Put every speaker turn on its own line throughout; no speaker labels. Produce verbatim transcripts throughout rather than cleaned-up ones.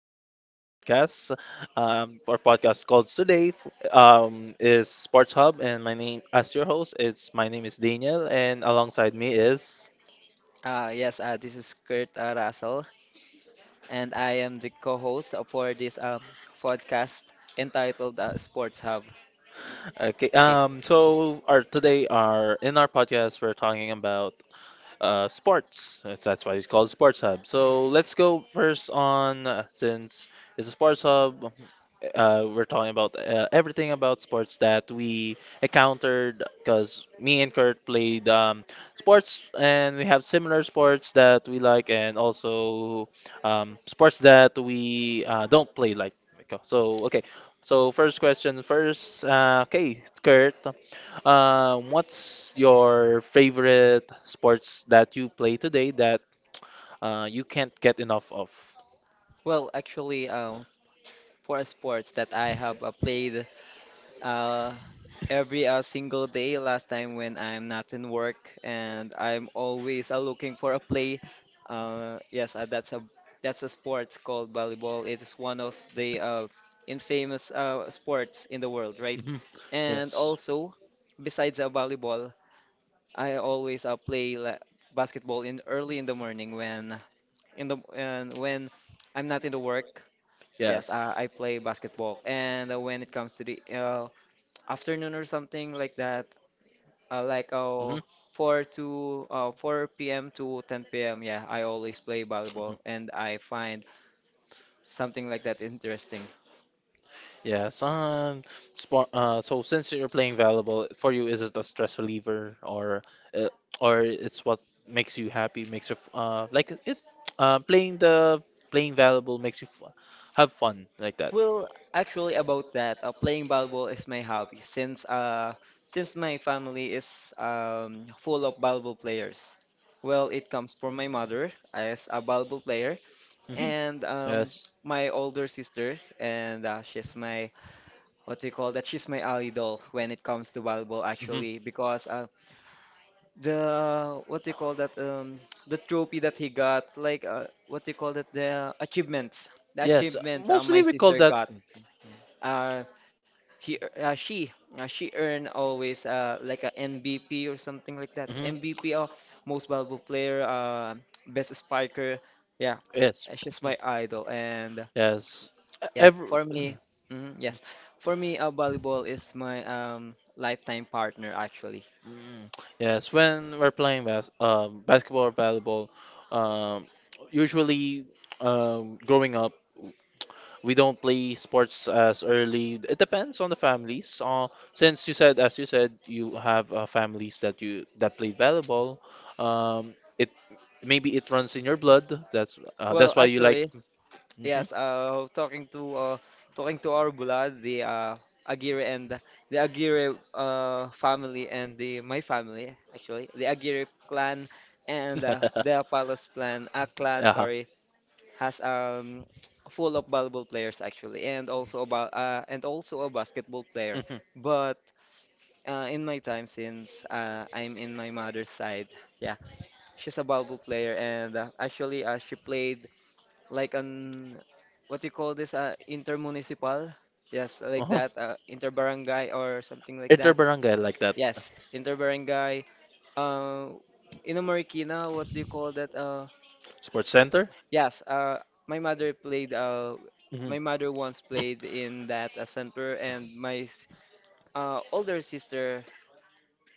to our podcast. Um, our podcast called today f- um, is Sports Hub, and my name, as your host, it's my name is Daniel, and alongside me is
Uh, yes, uh, this is Kurt uh, Russell, and I am the co-host uh, for this um, podcast entitled uh, Sports Hub.
okay.
Okay.
Um, so our today, our in our podcast, we're talking about uh, sports. That's that's why it's called Sports Hub. So let's go first on uh, since it's a sports hub. Uh, we're talking about uh, everything about sports that we encountered because me and Kurt played um, sports and we have similar sports that we like and also um, sports that we uh, don't play like. So okay, so first question first. Uh, okay, Kurt. Um, what's your favorite sports that you play today that uh, you can't get enough of?
Well, actually, um, for sports that I have uh, played uh, every uh, single day last time when I'm not in work and I'm always uh, looking for a play. Uh, yes, uh, that's a that's a sport called volleyball. It is one of the uh, infamous uh, sports in the world, right?
Mhm.
And
Yes.
also, besides uh, volleyball, I always uh, play la basketball in early in the morning when in the and when I'm not in the work.
Yes.
Yes, uh, I play basketball. And uh, when it comes to the uh, afternoon or something like that. Uh, like
Mhm.
oh four to uh, four p m to ten p m. Yeah, I always play
Mhm.
volleyball and I find something like that interesting.
Yes. Um. Sport. Uh. So since you're playing valuable for you, is it a stress reliever, or uh, or it's what makes you happy? Makes you f- uh like it. Uh, playing the playing valuable makes you f- have fun like that.
Well, actually about that, uh, playing volleyball is my hobby since uh since my family is um full of volleyball players. Well, it comes from my mother as a volleyball player
Hmm.
and um
Yes.
my older sister and uh, she's my what do you call that? She's my idol when it comes to volleyball,
Hmm.
actually, because uh, the what do you call that? Um, the trophy that he got, like uh, what do you call that? The achievements, the
Yes. uh,
achievements uh,
Mostly
my
we call
sister
that.
got. Uh, he, ear- uh, she, uh, she earned always uh, like a M V P or something like that.
Hmm.
M V P, or most valuable player, uh, best spiker. Yeah,
Yes.
uh, she's
Mm.
my idol, and
Yes. E-,
yeah,
Every.
for
Mm.
me, mhm, yes, for me, uh, volleyball is my um lifetime partner actually.
Mm, yes, when we're playing bas um, basketball or volleyball, um, usually, um, growing up, we don't play sports as early. It depends on the families. Uh, since you said, as you said, you have uh, families that you that play volleyball. Um, it Maybe it runs in your blood. That's uh,
Well,
that's why you like.
actually,
Hmm.
yes. Uh, talking to uh talking to our blood, the uh Aguirre and the, the Aguirre uh family and the my family actually, the Aguirre clan and uh, the Apalos clan, uh, clan,
Uh-huh.
sorry, has um full of volleyball players actually, and also about uh and also a basketball player,
Mhm.
but. Uh, in my time since uh, I'm in my mother's side, yeah, she's a Balbo player, and uh, actually, uh, she played like an what you call this uh, intermunicipal, yes, like
Uh-huh.
that, uh, interbarangay or something like that.
Interbarangay like that.
Yes, interbarangay. Uh, in a Marikina, what do you call that? Uh,
Sports center?
yes, uh, my mother played. Uh,
Hmm, hmm.
my mother once played in that uh, center, and my s- uh, older sister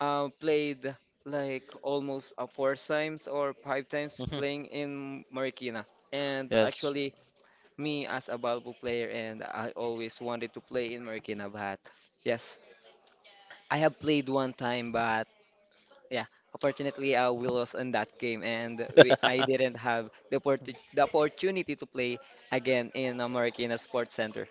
uh, played like almost uh, four times or five times playing in Marikina. And
Yes.
actually, me as a Valpo player, and I always wanted to play in Marikina, but yes, I have played one time, but yeah, unfortunately, uh, we lost in that game, and we, I didn't have the, opportu- the opportunity to play again in uh, Marikina Sports Center.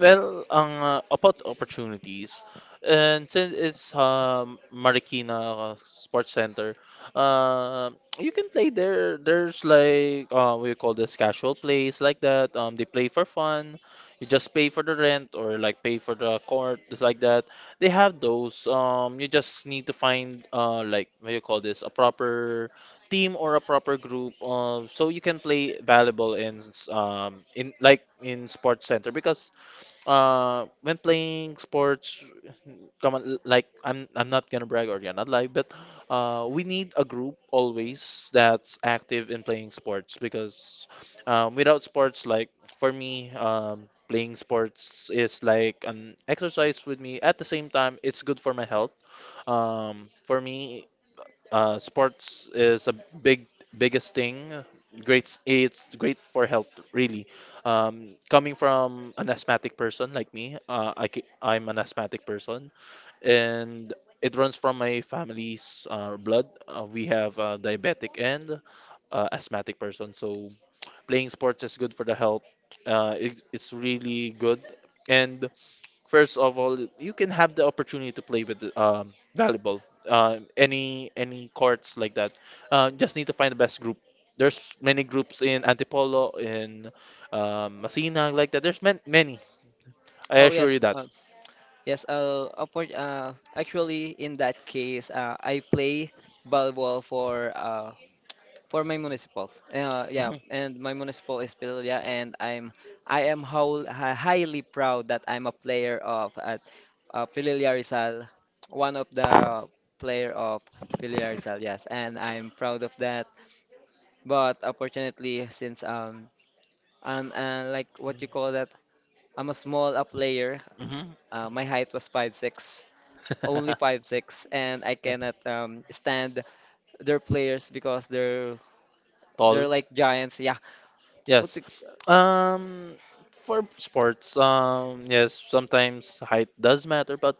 Well, ang uh, about opportunities, and since it's um Marikina Sports Center, uh, you can play there. There's like uh, we call this casual plays like that. Um, they play for fun. You just pay for the rent or like pay for the court, just like that. They have those. Um, you just need to find uh like what you call this a proper team or a proper group uh, so you can play valuable in um in like in sports center because uh when playing sports come on, like I'm I'm not gonna brag or yeah, not lie, but uh we need a group always that's active in playing sports because um without sports like for me um playing sports is like an exercise with me, at the same time it's good for my health, um for me uh, sports is a big biggest thing. Great, it's great for health, really. Um, coming from an asthmatic person like me, uh, I, ca- I'm an asthmatic person, and it runs from my family's uh, blood. Uh, we have a diabetic and uh, asthmatic person, so playing sports is good for the health. Uh, it, it's really good, and first of all, you can have the opportunity to play with um, volleyball, uh, any any courts like that. Uh, just need to find the best group. There's many groups in Antipolo, in um, Masina, like that. There's man- many.
Oh,
I assure you
yes,
that.
uh, Yes, uh, oppor- uh, actually, in that case, uh, I play volleyball for uh, for my municipal. Uh, yeah, and my municipal is Pilia, and I'm I am whole, hi- highly proud that I'm a player of at uh, Pilia Rizal, one of the player of Pilia Rizal. Yes, and I'm proud of that. But unfortunately, since um I'm uh, like what you call that, I'm a small uh, player.
Mhm, mhm.
Uh, my height was five only five six, and I cannot um stand their players because they're
Tall.
they're like giants. Yeah. What
Yes.
the,
Um, for sports, um, yes, sometimes height does matter, but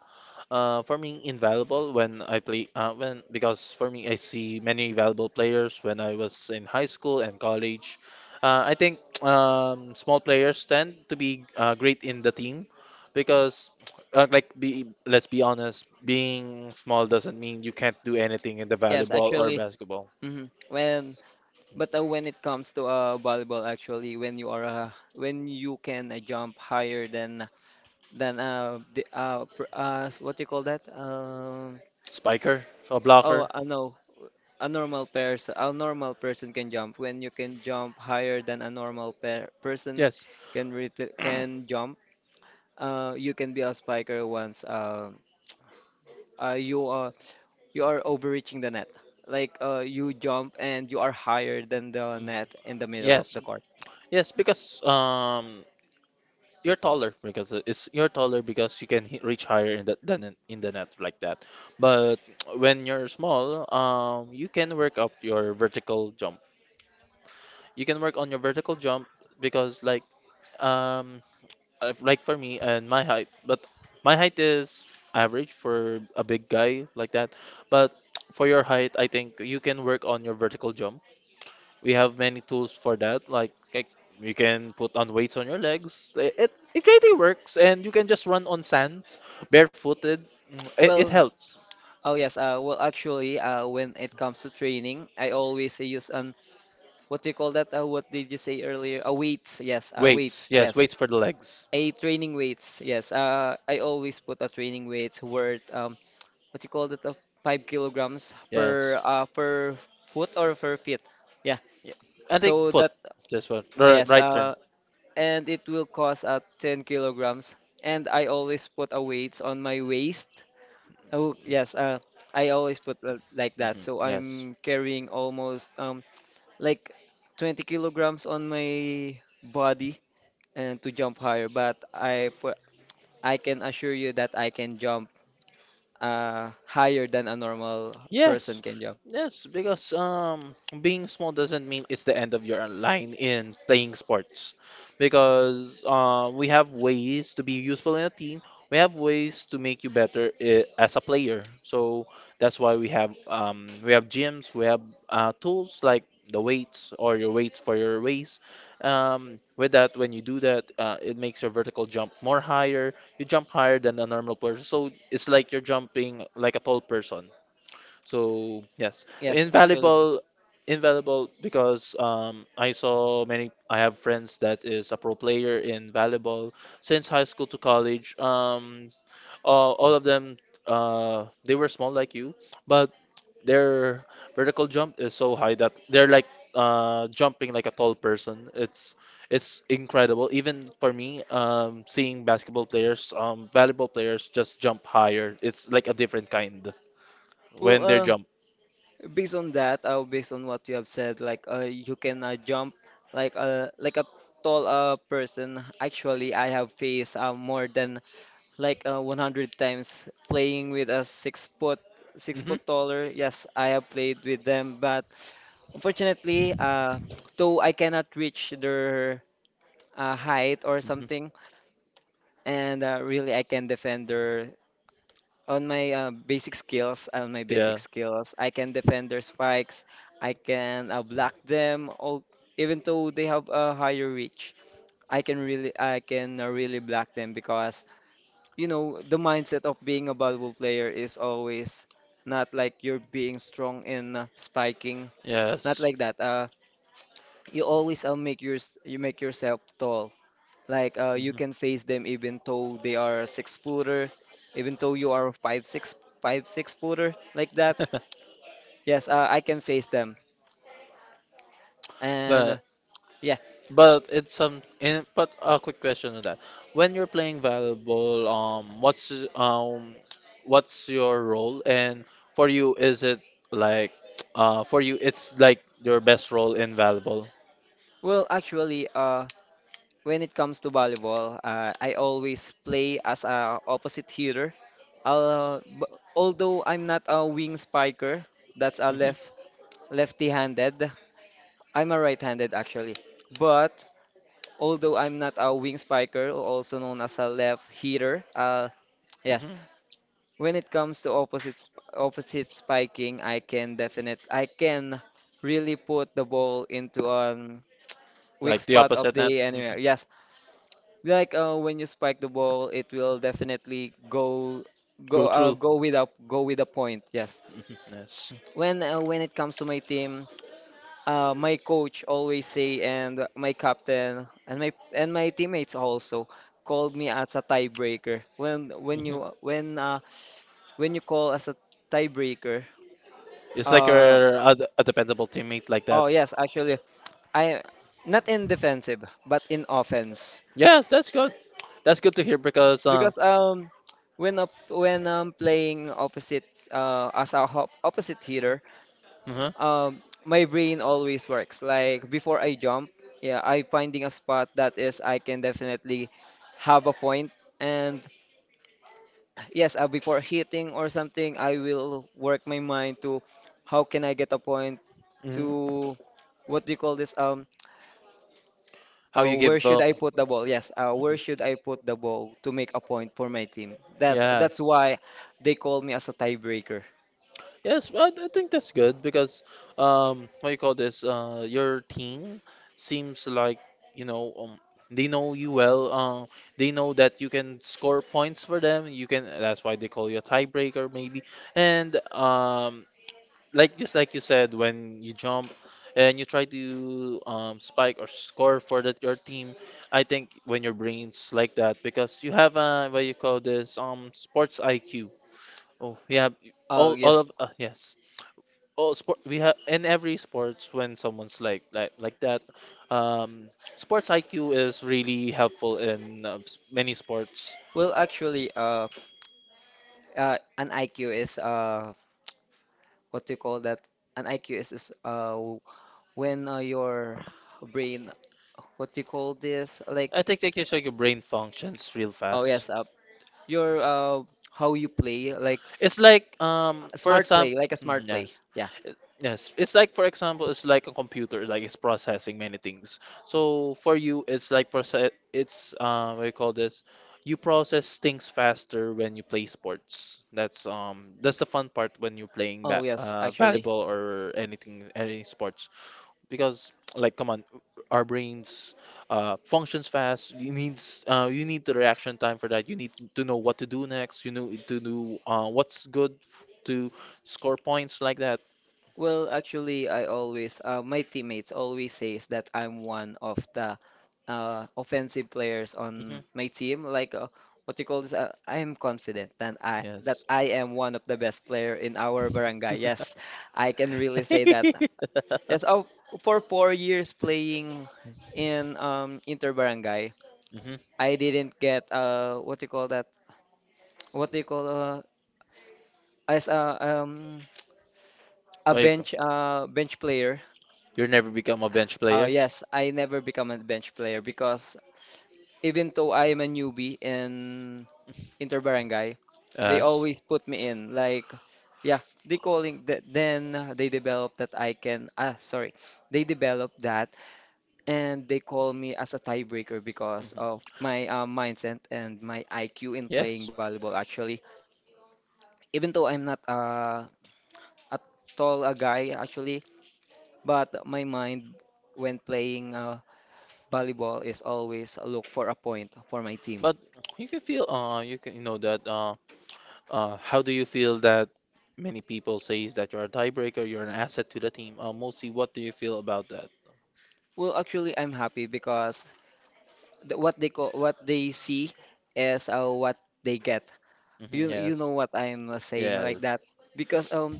Uh, for me, invaluable when I play uh, when because for me I see many valuable players when I was in high school and college. Uh, I think um, small players tend to be uh, great in the team because uh, like be let's be honest, being small doesn't mean you can't do anything in the
yes,
volleyball or
actually.
basketball.
Hmm When but uh, when it comes to uh volleyball, actually, when you are uh, when you can uh, jump higher than than uh the uh, pr uh s- what do you call that? Um
Spiker or
oh
blocker?
uh, no. A normal person, a normal person can jump. When you can jump higher than a normal per person
Yes.
can re can jump. Uh, you can be a spiker once uh, uh, you are you are overreaching the net. Like uh, you jump and you are higher than the net in the middle of
Yes,
the court.
yes, because um, you're taller because uh, it's you're taller because you can hi- reach higher in the than in in the net like that. But when you're small, um, you can work up your vertical jump. You can work on your vertical jump because like um uh, like for me and my height, but my height is average for a big guy like that. But for your height, I think you can work on your vertical jump. We have many tools for that. Like, like you can put on weights on your legs. It, it it really works, and you can just run on sand, barefooted. Mm, It, it
Well,
helps.
oh yes. Uh, well, actually, uh, when it comes to training, I always use an what do you call that? Uh, what did you say earlier? Uh, weights. Yes. Uh,
Weights,
weights.
yes,
Yes.
weights for the legs.
A training weights. Yes. Uh, I always put a training weights worth um, what do you call that? Uh, five kilograms
Yes,
per uh, per foot or per feet. Yeah,
yeah. I think
so
foot.
that
That's what the
yes,
right term.
uh, and it will cost uh, ten kilograms. And I always put a weight on my waist. Oh, yes, uh, I always put uh, like
Hmm.
that. So
Yes.
I'm carrying almost um, like twenty kilograms on my body and to jump higher. But I put, I can assure you that I can jump uh, higher than a normal
Yes,
person can jump.
yes, because um, being small doesn't mean it's the end of your line in playing sports, because uh, we have ways to be useful in a team. We have ways to make you better i- as a player. So that's why we have um, we have gyms, we have uh, tools like the weights or your weights for your waist. Um, with that, when you do that, uh, it makes your vertical jump more higher. You jump higher than a normal person, so it's like you're jumping like a tall person. So yes,
Yes, actually.
invaluable, invaluable because um, I saw many. I have friends that is a pro player in volleyball since high school to college. Um, all, all of them, uh, they were small like you, but their vertical jump is so high that they're like uh, jumping like a tall person. It's it's incredible. Even for me, um, seeing basketball players, um, volleyball players just jump higher. It's like a different kind
Well,
when they're
uh, Based on that, uh, based on what you have said, like uh, you can uh, jump like uh, like a tall uh, person. Actually, I have faced uh, more than like uh, one hundred times playing with a six foot six
hmm.
foot taller. Yes, I have played with them, but unfortunately, uh, though I cannot reach their uh, height or something, and uh, really I can defend their on my uh, basic skills, on my basic
Yeah.
skills, I can defend their spikes. I can uh, block them. All even though they have a higher reach, I can really, I can uh, really block them because you know the mindset of being a valuable player is always not like you're being strong in uh, spiking, not
Yes.
like that. Uh, you always uh, make your you make yourself tall like uh, you can face them even though they are a six footer, even though you are a five six five six footer like that. Yes, uh, I can face them. And uh,
But
yeah,
but it's some in, but a quick question on that. When you're playing volleyball, um, what's um, what's your role? And for you, is it like uh, for you, it's like your best role in volleyball?
well, actually, uh, when it comes to volleyball, uh, I always play as a opposite hitter. Uh, b although I'm not a wing spiker, that's a
Hmm.
left lefty-handed. I'm a right-handed actually, but although I'm not a wing spiker, also known as a left hitter, uh, yes,
Hmm.
when it comes to opposites opposite spiking, I can definite I can really put the ball into a weak
Like the
spot of
opposite net,
the enemy. Yes, like uh, when you spike the ball, it will definitely go
go
go uh,
through.
go with a go with a point. Yes.
Hmm. Yes.
When uh, when it comes to my team, uh, my coach always say and my captain and my and my teammates also called me as a tiebreaker when when
Mm-hmm.
you when uh, when you call as a tiebreaker
It's like
uh,
a, a, a dependable teammate like that.
oh yes actually I not in defensive but in offense
Yes, that's good. That's good to hear because um,
because um when up when I'm playing opposite uh, as a hop opposite hitter,
uh
um my brain always works like before I jump. Yeah, I finding a spot that is I can definitely have a point point. And yes, uh, before hitting or something, I will work my mind to how can I get a point
hmm
to what do you call this? Um
how
uh,
you give
where
up.
should I put the ball yes, uh, where should I put the ball to make a point for my team? That that's
Yes.
why they call me as a tiebreaker.
Yes, well, I think that's good because um, what you call this? Uh, your team seems like you know um, they know you well. Uh, they know that you can score points for them. You can. That's why they call you a tiebreaker, maybe. And um, like just like you said, when you jump and you try to um, spike or score for that your team, I think when your brain's like that because you have a what you call this um sports I Q. Oh, we have
Oh
all all of
yes
uh, yes. All sport we have in every sports when someone's like like like that, um, sports I Q is really helpful in uh, s- many sports.
well actually uh, uh An IQ is uh what do you call that? An I Q is, is uh w- when uh, your brain, what do you call this? Like
I think they can check your brain functions real
oh yes,
fast.
uh, your uh how you play, like
It's like um
a
for
smart play,
example,
like a smart play.
yes.
Yeah.
It- Yes, it's like for example, it's like a computer, like it's processing many things. So for you, it's like process. It's uh, what do you call this? You process things faster when you play sports. That's um, that's the fun part when you're playing
Oh
ba
yes,
uh,
actually.
volleyball or anything, any sports because like come on our brains uh, functions fast, you needs uh, you need the reaction time for that, you need to know what to do next, you know to do uh, what's good f- to score points like that.
Well, actually, I always uh, my teammates always says that I'm one of the uh, offensive players on
Hmm.
my team. Like uh, what you call this? Uh, I am confident that I that
Yes.
I am one of the best player in our barangay. Yes, I can really say that. Yes, oh, for four years playing in um inter barangay,
Hmm.
I didn't get uh what you call that? What do you call uh as a um a
Like
bench uh bench player.
you'll never become a bench
Oh
player.
yes, I never become a bench player because even though I am a newbie in Interbarangay, they
Yes.
always put me in. Like, yeah, they calling that. Then they develop that I can. Ah, sorry, they develop that, and they call me as a tiebreaker because
Mhm.
of my uh, mindset and my I Q in playing
Yes.
volleyball. Actually, even though I'm not uh, a tall a guy actually, but my mind when playing uh, volleyball is always look for a point for my team.
But you can feel uh you can you know that uh uh, how do you feel that many people says that you're a tiebreaker, you're an asset to the team? Uh, mostly, what do you feel about that?
Well, actually, I'm happy because th what they call what they see is uh, what they get.
Hmm.
You you
Yes,
know what I'm uh, saying like
yes.
that because um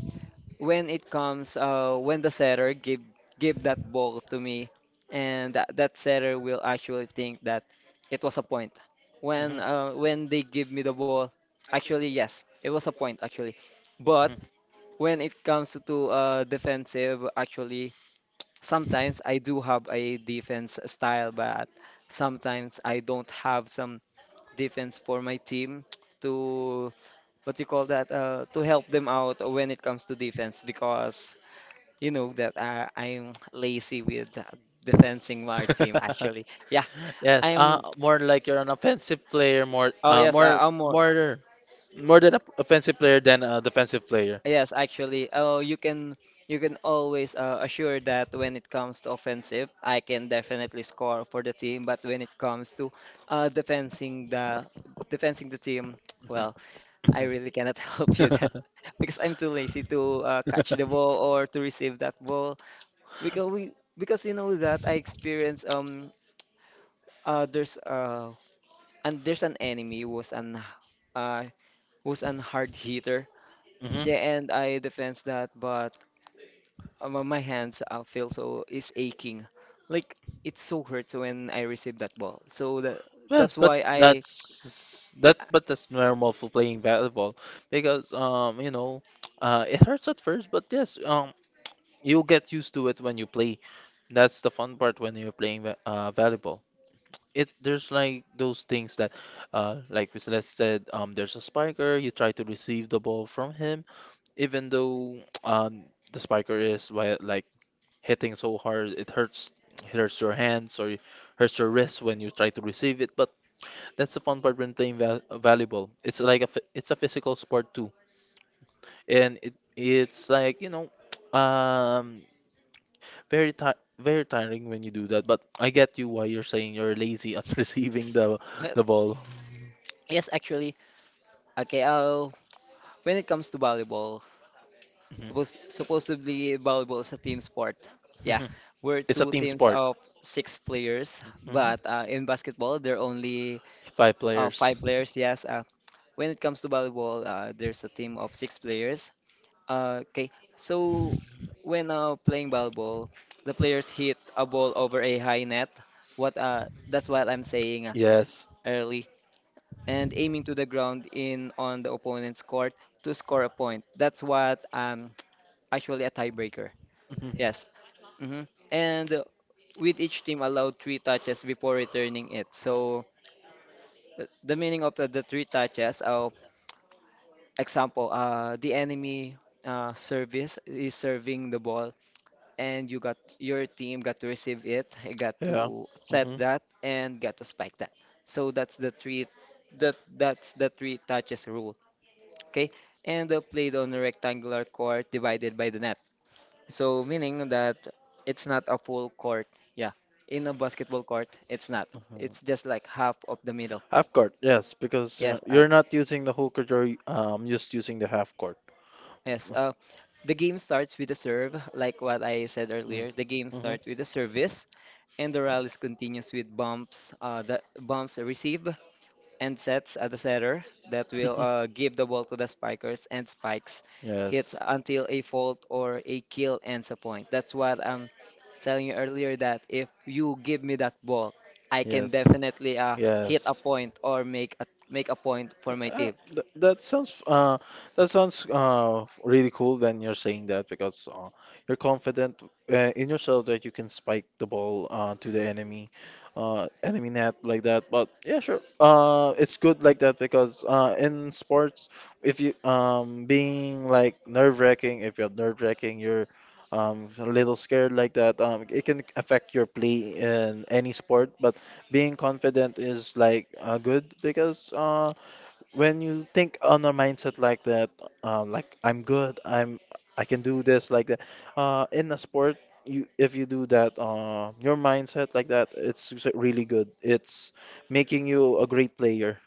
when it comes uh when the setter give give that ball to me and that that setter will actually think that it was a point. When
Hmm.
uh when they give me the ball, actually yes, it was a point actually. But when it comes to uh defensive, actually, sometimes I do have a defense style, but sometimes I don't have some defense for my team to, what you call that uh, to help them out when it comes to defense. Because you know that, uh, I'm lazy with defending my team actually. Yeah.
Yes, uh,
I'm.
more like you're an offensive player, more,
Oh
uh,
yes, uh,
more,
I'm more.
more, more than an offensive player than a defensive player.
Yes, actually. Oh, you can, you can always uh, assure that when it comes to offensive, I can definitely score for the team. But when it comes to uh, defending the defending the team,
Mhm.
well, I really cannot help you that because I'm too lazy to uh, catch the ball or to receive that ball. Because we because you know that I experience um uh, there's uh and there's an enemy who's an uh who's an hard hitter.
Mhm.
Yeah, and I defense that, but. Uh, My my hands uh, feel so is aching. Like it so hurts when I receive that ball. So that
Yes,
that's
but
why I
that's that but that's normal for playing volleyball because um you know uh it hurts at first, but yes um you'll get used to it when you play. That's the fun part when you're playing va- uh volleyball. It there's like those things that uh like we let's said um there's a spiker you try to receive the ball from him even though um the spiker is wi- like hitting so hard, it hurts, it hurts your hands or it hurts your wrist when you try to receive it, but that's the fun part when playing val valuable. It's like a phy- it's a physical sport too, and it it's like you know, um, very ti very tiring when you do that. But I get you why you're saying you're lazy on receiving the
uh,
the ball.
yes, actually, okay. Uh, when it comes to volleyball,
Mhm.
suppos supposedly volleyball is a team sport. Yeah,
Mhm.
we're
It's a
two
team
teams
sport.
of six players,
Mhm.
but uh, in basketball there are only
Five
uh,
players.
five players. Yes. Uh, when it comes to volleyball, uh, there's a team of six players. Uh, okay, so when uh, playing volleyball, the players hit a ball over a high net. What uh, that's what I'm saying uh,
Yes.
early, and aiming to the ground in on the opponent's court to score a point. That's what um actually a tiebreaker.
Mhm.
Yes. Mm-hmm. And uh, with each team allowed three touches before returning it. So th- the meaning of the, the three touches, uh, example, uh, the enemy uh, service is serving the ball, and you got, your team got to receive it, it got
Yeah.
to set
Mhm.
that, and got to spike that. So that's the three, that that's the three touches rule. Okay, and uh, played on a rectangular court divided by the net. So meaning that it's not a full court. Yeah, in a basketball court, it's not. It's just like half of the middle.
Half court, yes, because you
Yes, uh,
you're not using the whole court, you're um, just using the half court.
yes. Uh, the game starts with a serve, like what I said
Mm.
earlier. The game
Hmm.
starts with a service, and the rallies continues with bumps, uh, the bumps receive and sets at the setter that will uh, give the ball to the spikers, and spikes hits
Yes,
until a fault or a kill ends a point. That's what I'm telling you earlier that if you give me that ball, I can
yes,
definitely uh, hit a
yes.
point or make a make a point for my
Uh,
team.
th that sounds uh that sounds uh really cool. Then you're saying that because uh, you're confident uh, in yourself that you can spike the ball uh to the enemy uh enemy net like that. But yeah, sure, uh it's good like that because uh in sports, if you um being like nerve-wracking, if you're nerve-wracking, you're um a little scared like that, um it can affect your play in any sport. But being confident is like, uh, good because uh when you think on a mindset like that, uh, like, I'm good, I'm I can do this like that. Uh, in a sport, you if you do that, uh, your mindset like that, it's s- really good. It's making you a great player.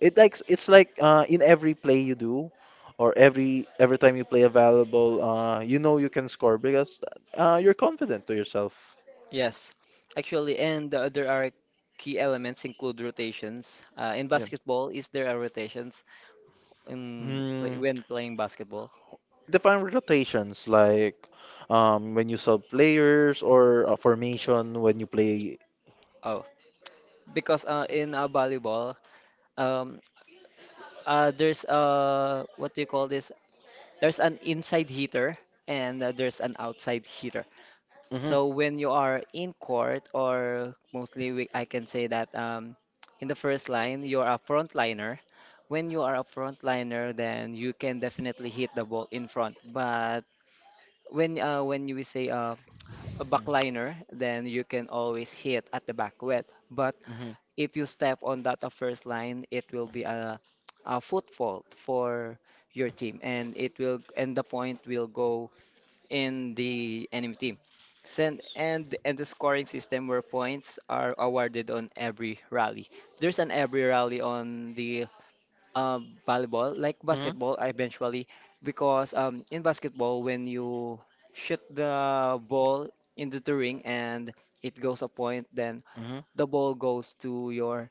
It like it's like, uh, in every play you do, or every every time you play a valuable, uh, you know you can score because uh, you're confident to yourself.
Yes, actually, and uh, there are key elements include rotations. Uh, in
Yeah.
basketball, is there are rotations in play,
Hmm.
when playing basketball?
Define rotations, like, um, when you sub players or a formation when you play.
Oh, because uh, in uh, volleyball, um, uh, there's uh, what do you call this? There's an inside hitter, and uh, there's an outside hitter.
Hmm.
So when you are in court, or mostly we, I can say that, um, in the first line, you're a frontliner. When you are a frontliner, then you can definitely hit the ball in front. But when uh, when you say uh, a backliner, then you can always hit at the back well. But
Hmm.
if you step on that uh, first line, it will be a, a foot fault for your team, and it will and the point will go in the enemy team. Send and and the scoring system where points are awarded on every rally. There's an every rally on the uh, volleyball, like
Hmm.
basketball, uh, eventually, because um, in basketball when you shoot the ball into the ring and it goes a point, then
Hmm.
the ball goes to your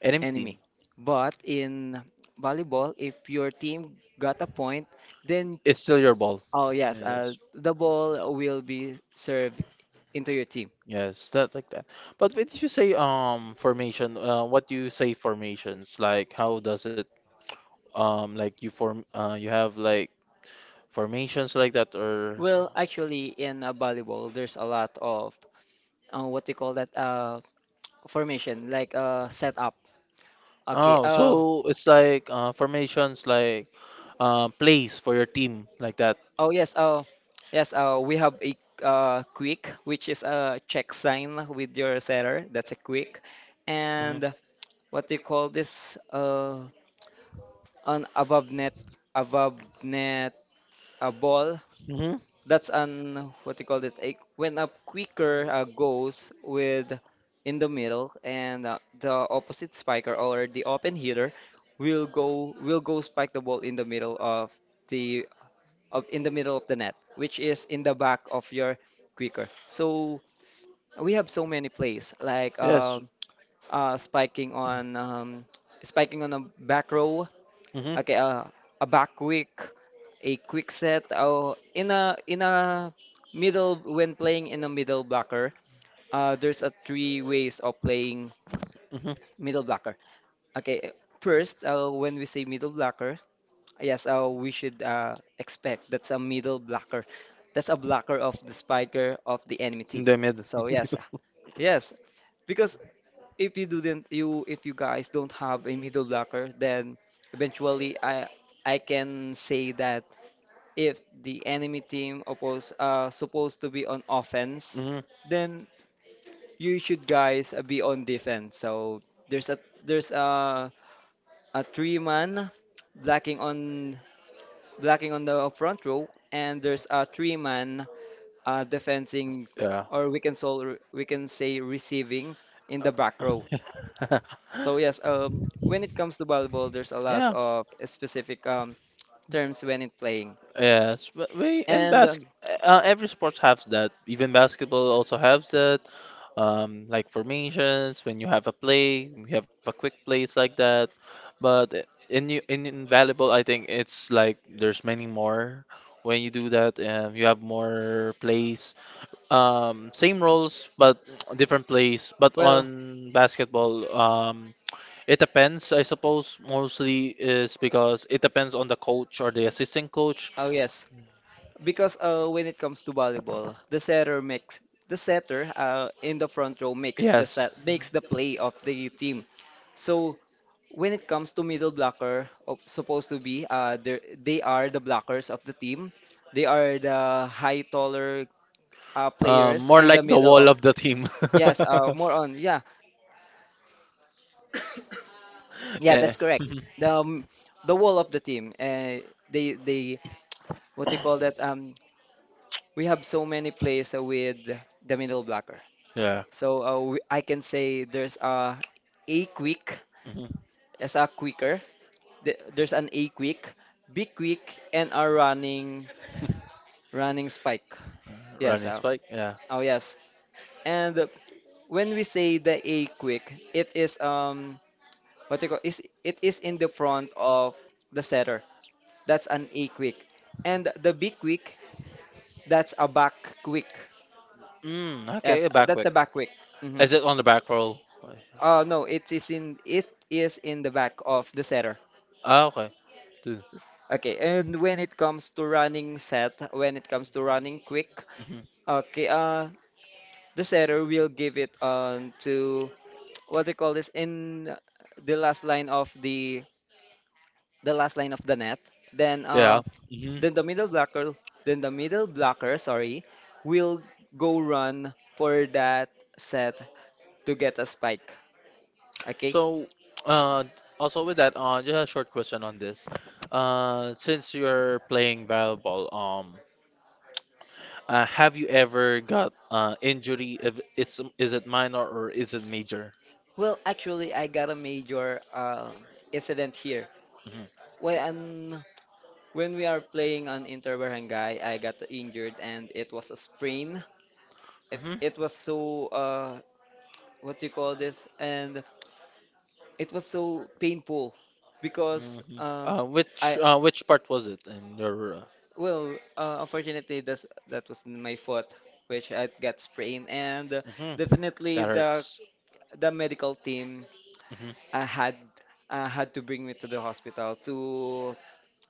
Enemy
enemy.
team.
But in volleyball, if your team got a point, then,
It's still your ball.
oh yes, uh,
Yes,
the ball will be served into your team.
yes, that like that. But when you say um formation, uh, what do you say formations? Like, how does it um like you form uh you have like formations like that, or
Well, actually, in uh, volleyball, there's a lot of uh, what do you call that uh, formation, like uh, setup. Okay.
oh,
Uh,
so it's like uh formations like uh plays for your team like that.
oh yes. Uh, yes. Uh, we have a uh, quick, which is a check sign with your setter. That's a quick,
Mhm.
and what do you call this? Uh, an above net, above net a ball,
Uhum.
that's an, what you call it, a, when a quicker uh, goes with in the middle, and uh, the opposite spiker or the open hitter will go will go spike the ball in the middle of the of in the middle of the net, which is in the back of your quicker. So we have so many plays, like
Yes.
uh, uh, spiking on um, spiking on a back row.
Uhum.
Okay, uh, a back quick, a quick set, oh, in a in a middle, when playing in a middle blocker, uh, there's a three ways of playing
Uhum.
middle blocker. Okay, uh, first, uh, when we say middle blocker, yes, uh, we should uh, expect that's a middle blocker. That's a blocker of the spiker of the enemy
The
team.
deu medo.
So yes, uh, yes, because if you didn't, you if you guys don't have a middle blocker, then eventually I I can say that, if the enemy team oppose uh supposed to be on offense,
Uhum.
then you should guys uh, be on defense. So there's a there's a a three man blocking on blocking on the front row, and there's a three man uh defending,
Yeah.
or we can, so we can say, receiving in the back row.
Uh,
So yes, um, when it comes to volleyball, there's a lot
yeah.
of specific um terms when it playing,
Yes. But we in
and um,
basket, uh, every sport has that. Even basketball also has that. um, like formations, when you have a play, you have a quick plays like that. But i- in you- in invaluable, I think it's like there's many more when you do that. Um, you have more plays, um, same roles but different plays. But
well,
on basketball, um, it depends. I suppose mostly is because it depends on the coach or the assistant coach.
oh yes. Because uh, when it comes to volleyball, the setter makes, the setter uh, in the front row makes the
Yes.
set, makes the play of the team. So when it comes to middle blocker, of, supposed to be, uh, they're- they are the blockers of the team. They are the high taller uh,
Um,
players
more
in the
like the
middle
wall
of,
of the team.
yes, uh, more on, yeah, yeah,
Yeah.
that's correct.
Mhm.
The um, the wall of the team. Uh, they they what do you call that? Um, we have so many plays with the middle blocker.
Yeah.
So uh, we, I can say there's a A quick,
Mhm.
as a quicker. th- There's an A quick, B quick, and a running, running spike. Yes.
Running
Uh,
spike. Yeah.
oh yes. And when we say the A quick, it is, um what you call is it is in the front of the setter. That's an A quick. And the B quick, that's a back quick.
Mm, okay,
Yes,
a
uh,
back
that's
quick.
a back quick. Hmm.
Is it on the back roll?
Uh, no, it is in, it is in the back of the setter.
Ah, okay.
Okay, and when it comes to running set, when it comes to running quick,
Mm-hmm.
okay, uh, the setter will give it on to what they call this in the last line of the the last line of the net. Then
Yeah.
uh,
Hmm.
then the middle blocker, then the middle blocker, sorry, will go run for that set to get a spike. Okay.
So, uh, also with that, uh, just a short question on this. Uh, since you're playing volleyball, um, uh, have you ever got uh injury? If it's is it minor or is it major?
Well, actually, I got a major uh, incident here.
Mhm.
When When we are playing on Inter Barangay, I got injured and it was a sprain. It
Mhm.
it was so, uh what do you call this? And it was so painful because
Mhm.
um
Uh, which
I
uh, which part was it in your? Uh,
well, uh, unfortunately, that's, that was my foot which I got sprained, and uh,
mhm.
definitely
That
the
hurts.
the medical team
Mhm.
uh, had uh, had to bring me to the hospital to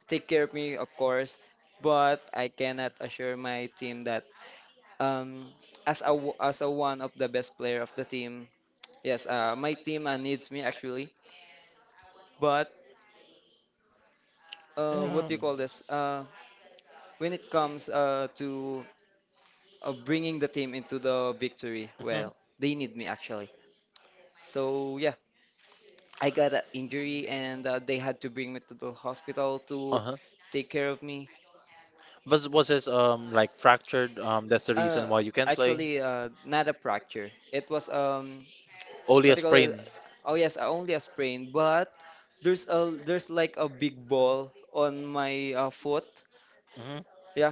take care of me, of course, but I cannot assure my team that, um as a w- as a, one of the best player of the team. Yes, uh my team uh, needs me actually, but uh what do you
Um,
call this uh when it comes uh to uh, bringing the team into the victory,
mhm.
well, they need me actually. So yeah, I got an injury, and uh, they had to bring me to the hospital to
Uh-huh.
take care of me.
But was it um like fractured? Um, that's the reason
Uh
why you can't play.
actually uh Not a fracture, it was, um
Only
what
a
do you call it?
sprain.
Oh yes, uh, only a sprain, but there's a, there's like a big ball on my uh, foot.
Mhm.
Yeah,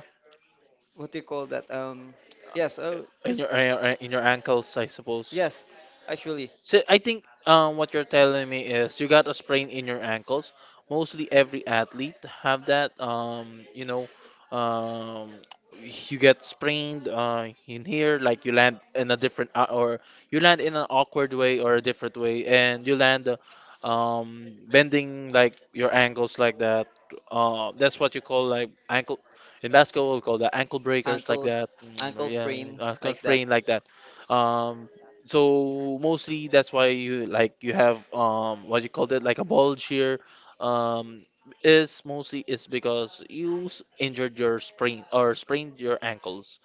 what do you call that? Um, yes, oh,
In
this.
your uh, uh, in your ankles, I suppose.
Yes, actually.
So I think um, what you're telling me is you got a sprain in your ankles. Mostly every athlete have that. Um, you know, um, you get sprained uh, in here, like you land in a different uh, or you land in an awkward way or a different way, and you land uh, um, bending like your ankles like that. Uh, that's what you call like ankle in basketball. We call that ankle breakers like
ankle
that.
Ankle
Mm, yeah,
sprain,
uh,
like that.
sprain like that. Um, so mostly that's why you like you have um what you called it like a bulge here um is mostly is because you s- injured your sprain or sprained your ankles.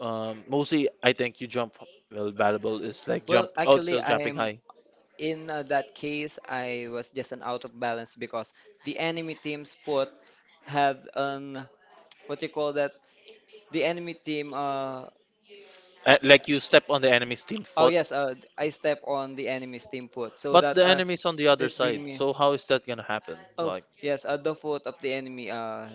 Um, mostly I think you jump, well valuable is like
Well,
jump,
actually
also jumping
I'm
high.
in, uh, that case I was just an out of balance because the enemy team's foot had an, what do you call that? The enemy team, uh.
Uh, like you step on the enemy's team
Oh
foot,
yes, uh, I step on the enemy's team foot, so
but
that,
the
uh.
enemy's on the other
It
side.
bring me.
So how is that gonna happen?
Oh,
Like,
yes, at the foot of the enemy, uh,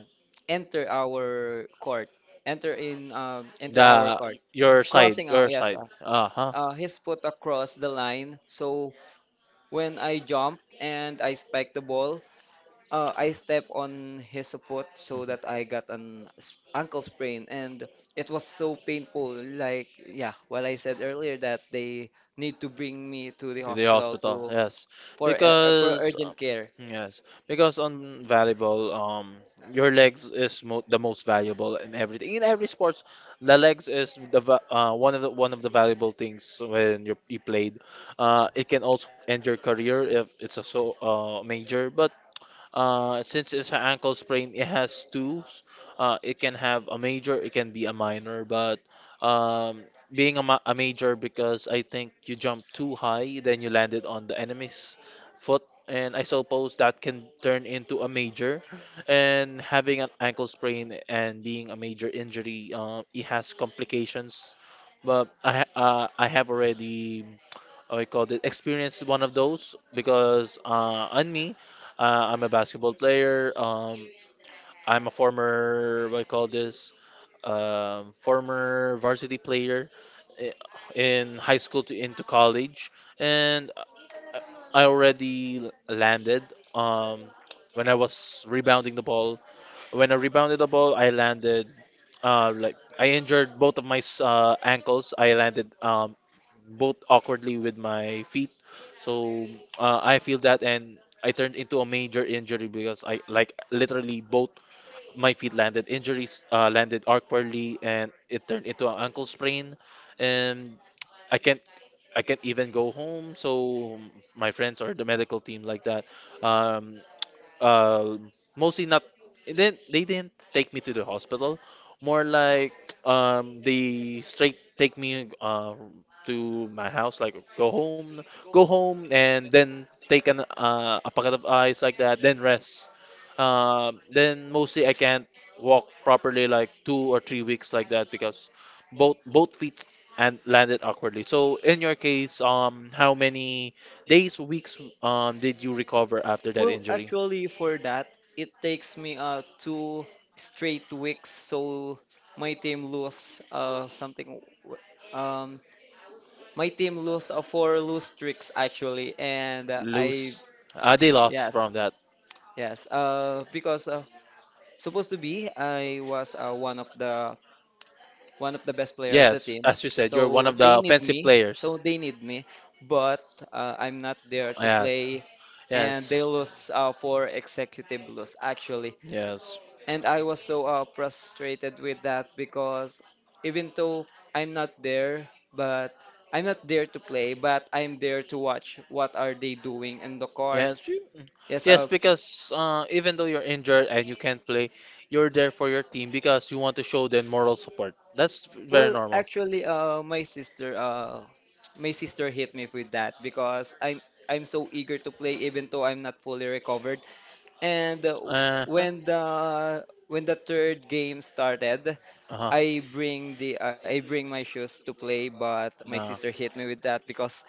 enter our court. Enter in, um, enter our
the
court.
your side,
Crossing out,
your
yes.
side.
Uh,
Uh-huh.
uh, his foot across the line. So when I jump and I spike the ball, uh, I step on his foot, so
Mhm.
that I got an s- ankle sprain, and it was so painful. Like, yeah, what I said earlier, that they need to bring me to the
To the
hospital
hospital,
to
yes,
for uh, uh, for
because um,
urgent care.
yes, because on volleyball, um, your legs is mo the most valuable in everything. In every sports, the legs is the va- uh, one of the one of the valuable things when you you played. Uh, it can also end your career if it's a so uh, major, but uh, since it's an ankle sprain, it has two. Uh, it can have a major, it can be a minor, but um, being a, ma- a major because I think you jumped too high, then you landed on the enemy's foot, and I suppose that can turn into a major. And having an ankle sprain and being a major injury, uh, it has complications. But I ha- uh, I have already I call it experienced one of those because uh, on me. Uh, I'm a basketball player. Um, I'm a former, what I call this, um, former varsity player i- in high school to into college, and I already l- landed. Um, when I was rebounding the ball, when I rebounded the ball, I landed. Uh, like I injured both of my s- uh, ankles. I landed um, both awkwardly with my feet. So uh, I feel that, and I turned into a major injury because I like literally both my feet landed injuries, uh, landed awkwardly, and it turned into an ankle sprain, and I can't. I can't even go home, so my friends or the medical team like that, um, uh, mostly not. And then they didn't take me to the hospital. More like, um, they straight take me uh, to my house, like go home, go home, and then take an uh, a packet of ice like that, then rest. Um, then mostly I can't walk properly like two or three weeks like that because both both feet and landed awkwardly. So in your case, um, how many days, weeks, um, did you recover after that
Well,
injury?
actually, for that, it takes me uh two straight weeks. So my team lose, uh something. w- Um, my team lose uh, four lose streaks actually, and uh, I
Lose. Uh, they lost
yes,
from that.
yes. Uh, because uh, supposed to be I was uh, one of the one of the best player of the
Yes,
team.
as you said, you're one
So
of the
they need
offensive
me.
players.
So they need me, but uh, I'm not there
They
to
yes. And
play, and they
yes, they
lose uh, for executive loss actually.
there. Yes. So
And I was so uh, frustrated with that because even though I'm not there, but I'm not there to play, but I'm there to watch what are they doing in the court.
yes. You- it's
Yes,
yes,
uh,
because uh, even though you're injured and you can't play, you're there for your team because you want to show them moral support. That's very
well,
normal.
actually, uh, my sister, uh, my sister hit me with that because I'm I'm so eager to play, even though I'm not fully recovered. And uh,
Uh-huh.
when the when the third game started,
Uh-huh.
I bring the uh, I bring my shoes to play, but my
No.
sister hit me with that because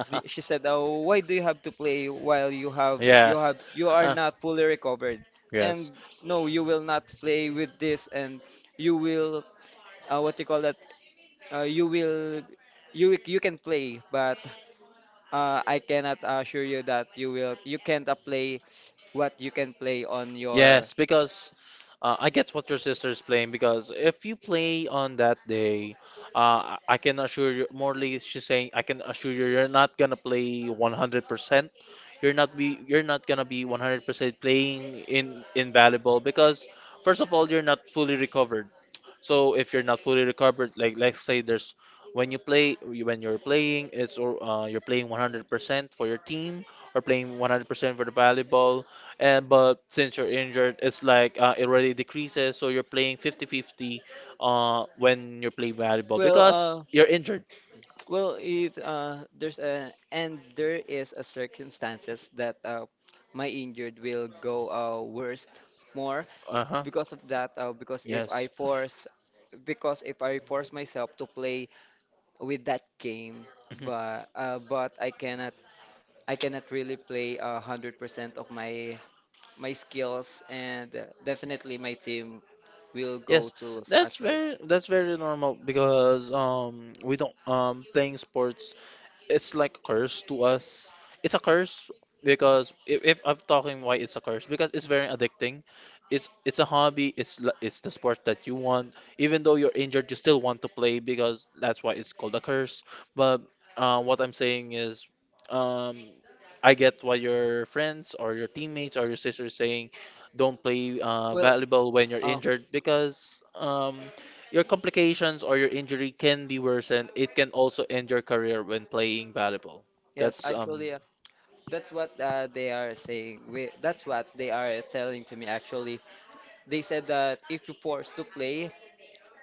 she she said, "Oh, why do you have to play while you have you
Yes.
have you are
Uh,
not fully recovered?
yes.
And no, you will not play with this, and you will uh, what you call that? uh, you will you you can play but uh, I cannot assure you that you will you can't uh, play what you can play on your
Yes, because uh, I get what your sister's playing because if you play on that day, uh, I I can assure you, Morley, she's saying, I can assure you, you're not gonna play one hundred percent. You're not be, you're not gonna be one hundred percent playing in in volleyball because first of all, you're not fully recovered. So if you're not fully recovered, like let's say there's when you play when you're playing, it's or uh, you're playing one hundred percent for your team or playing one hundred percent for the volleyball and but since you're injured, it's like uh, it already decreases, so you're playing fifty-fifty, uh, when you're playing volleyball
well
because
uh
you're injured.
well it uh there's a and there is a circumstances that uh my injured will go uh worst more
Uh-huh.
because of that uh, because if I
Yes.
force because if I force myself to play with that game
Mhm.
but uh, but I cannot I cannot really play a hundred percent of my my skills, and uh, definitely my team will go
Yes,
to lose,
that's
actually.
very that's very normal because um we don't um playing sports, it's like a curse to us. It's a curse because if, if I'm talking why it's a curse because it's very addicting. It's it's a hobby. It's l- it's the sport that you want. Even though you're injured, you still want to play because that's why it's called a curse. But uh, what I'm saying is, um, I get why your friends or your teammates or your sisters saying, don't play uh,
Well,
volleyball when you're
uh,
injured because um, your complications or your injury can be worsened. It can also end your career when playing volleyball.
yes,
That's um
actually, uh, that's what uh, they are saying. We, that's what they are telling to me, actually. They said that if you force to play,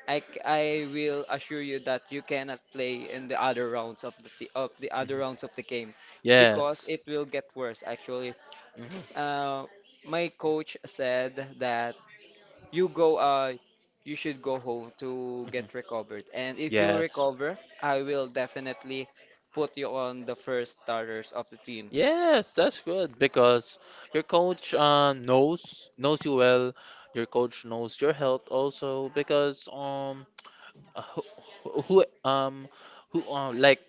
I, c- I will assure you that you cannot play in the other rounds of the t- of the other rounds of the game because
Yes.
it will get worse actually.
Mhm,
Uh, my coach said that you go uh you should go home to
mhm.
get recovered, and if you
Yes.
recover, I will definitely put you on the first starters of the team.
Yes, that's good because your coach uh, knows knows you well. Your coach knows your health also because um Uh, who, who who, um who uh, like,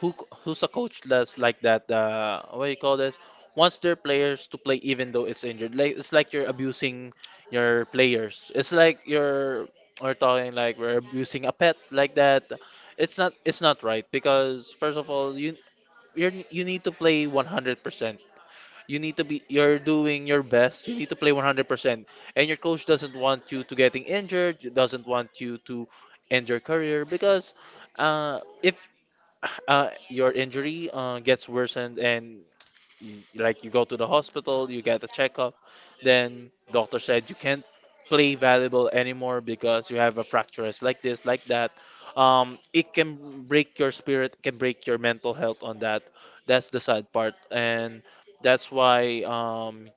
who who's a coach that's like that uh what do you call this wants their players to play even though it's injured, like it's like you're abusing your players, it's like you're we're talking like we're abusing a pet like that. It's not, it's not right because first of all, you you're, you need to play one hundred percent, you need to be you're doing your best. You need to play one hundred percent. And your coach doesn't want you to getting injured, doesn't want you to end your career because uh, if uh, your injury uh, gets worsened and you, like, you go to the hospital, you get a checkup, then doctor said you can't play valuable anymore because you have a fracture. It's like this, like that. Um, it can break your spirit, can break your mental health on that. That's the sad part, and that's why um,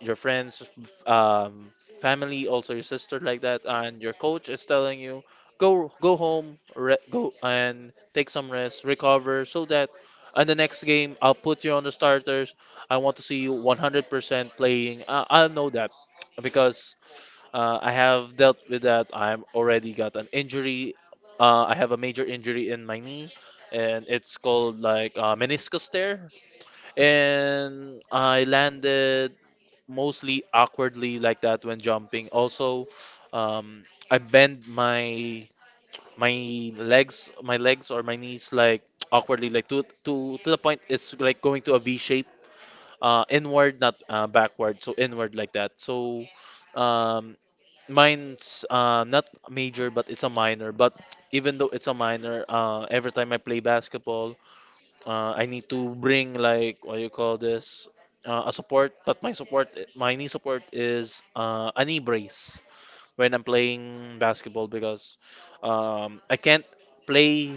your friends, f- um, family, also your sister like that, and your coach is telling you go go home, re- go and take some rest, recover, so that in the next game I'll put you on the starters. I want to see you one hundred percent playing. I- I'll know that because uh, I have dealt with that. I'm already got an injury. Uh, I have a major injury in my knee, and it's called like uh, meniscus tear, and I landed mostly awkwardly like that when jumping. Also, um, I bend my my legs, my legs or my knees like awkwardly, like to to to the point it's like going to a V shape, uh, inward, not uh, backward, so inward like that. So, um, mine's uh, not major, but it's a minor. But even though it's a minor, uh, every time I play basketball uh, I need to bring like what you call this uh, a support, but my support, my knee support is uh, a knee brace when I'm playing basketball because um, I can't play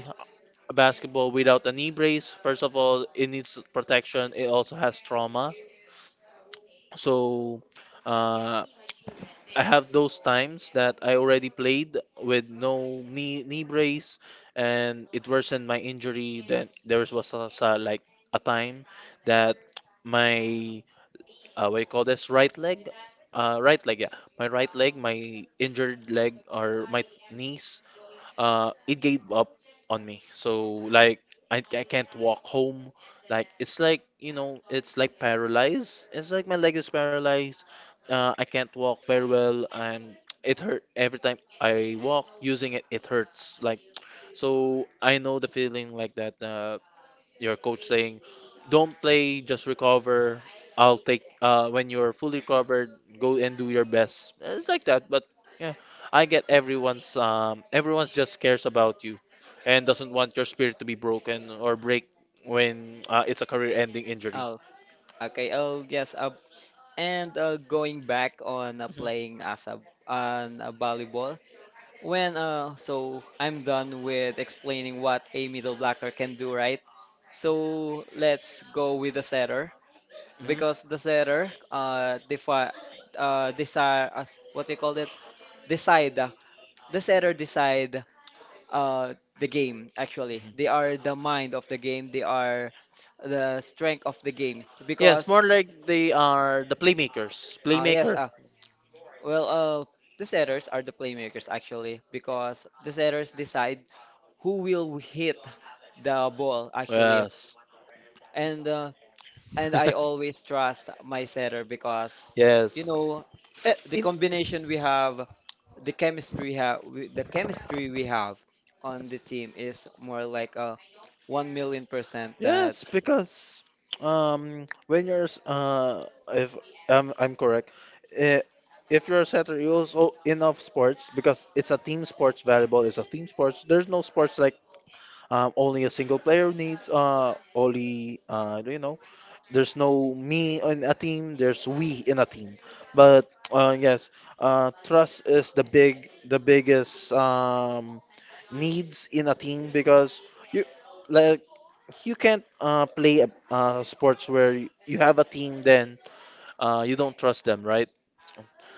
basketball without a knee brace. First of all, it needs protection. It also has trauma. So uh, I have those times that I already played with no knee knee brace and it worsened my injury. Then there was a, sa- like a time that my uh, what you call this right leg, uh, right leg, yeah, my right leg, my injured leg or my knees uh, it gave up on me. So like I, I can't walk home. Like it's like you know it's like paralyzed. It's like my leg is paralyzed. Uh, I can't walk very well. I'm it hurt every time I walk using it. It hurts like so I know the feeling like that. Uh, your coach saying, "Don't play, just recover. I'll take uh, when you're fully recovered, go and do your best." And it's like that, but yeah, I get everyone's um, everyone's just cares about you and doesn't want your spirit to be broken or break when uh, it's a career-ending injury.
Oh, okay. Oh, yes, uh, and uh, going back on uh,
Hmm.
playing as a on a volleyball. When uh so I'm done with explaining what a middle blocker can do, right? So let's go with the setter, because the setter uh defi uh desire as what do you call it, decide uh, the setter decide uh the game, actually. They are the mind of the game, they are the strength of the game
Yes,
because
more like they are the playmakers,
uh yes
playmaker.
uh well, uh the setters are the playmakers actually, because the setters decide who will hit the ball actually.
Yes.
And uh, and I always trust my setter because
you,
you
yes.
know
Eh,
the
in
combination we have the chemistry have the chemistry we have on the team is more like a one million percent that.
yes, because um when you're s- uh if um I'm correct, eh, if you're a setter, you also enough sports because it's a team sports. Valuable is a team sports. There's no sports like um only a single player needs. Uh, only uh do you know? There's no me in a team. There's we in a team. But uh, yes, uh, trust is the big, the biggest um, needs in a team because you like you can't uh, play a, uh, sports where y- you have a team then uh, you don't trust them, right?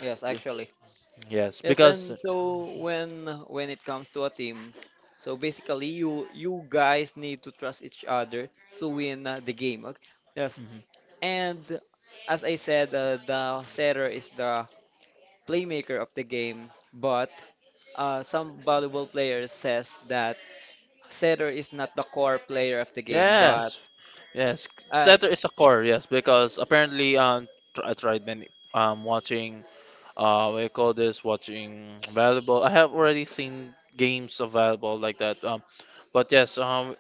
Yes, actually.
Yes,
Yes,
because.
and so when when it comes to a team, so basically you you guys need to trust each other to win uh, the game, okay? Yes.
Mhm.
And as I said, uh, the setter is the playmaker of the game, but uh, some valuable players says that setter is not the core player of the game, but
Yes, yes,
uh,
center is a core, yes, because apparently um tr I tried many um watching uh what do you call this watching valuable. I have already seen games of valuable like that. Um, but yes, um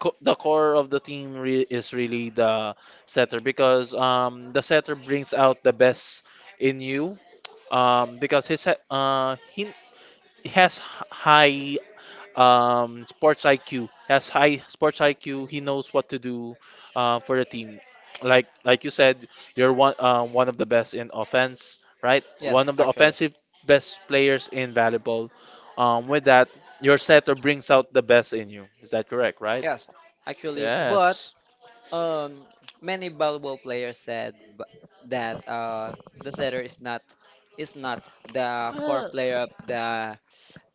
co the core of the team re is really the setter because um the setter brings out the best in you um because his he- uh he he has h- high um, sports I Q. Has high sports I Q. He knows what to do uh, for the team. Like like you said, you're one um, one of the best in offense, right? One
yes,
of the
actually.
offensive best players in volleyball. Um, with that, your setter brings out the best in you. Is that correct, right?
Yes, actually. But
Yes.
um, many volleyball players said b- that uh, the setter is not is not the core
Uh,
player of the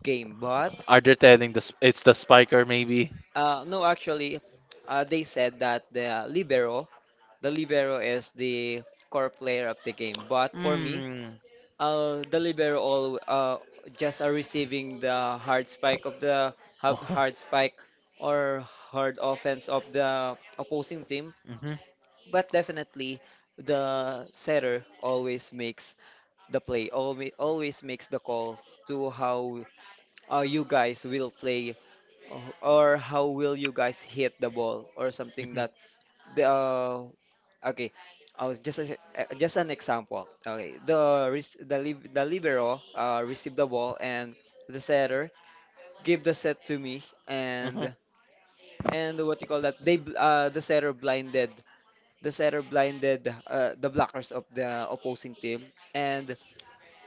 game. But
are they telling the sp- it's the spiker maybe?
uh, no, actually, uh, they said that the libero, the libero is the core player of the game. But for me,
Hmm.
Uh, the libero all uh, just are receiving the hard spike of the have hard spike or hard offense of the opposing team, but definitely the setter always makes the play, always always makes the call to how uh, you guys will play, uh, or how will you guys hit the ball or something that the uh, okay, I was just a- uh, just an example. Okay, the res- the lib- the libero uh, received the ball and the setter gave the set to me,
mhm.
and and what you call that? They bl- uh, the setter blinded The setter blinded uh, the blockers of the opposing team, and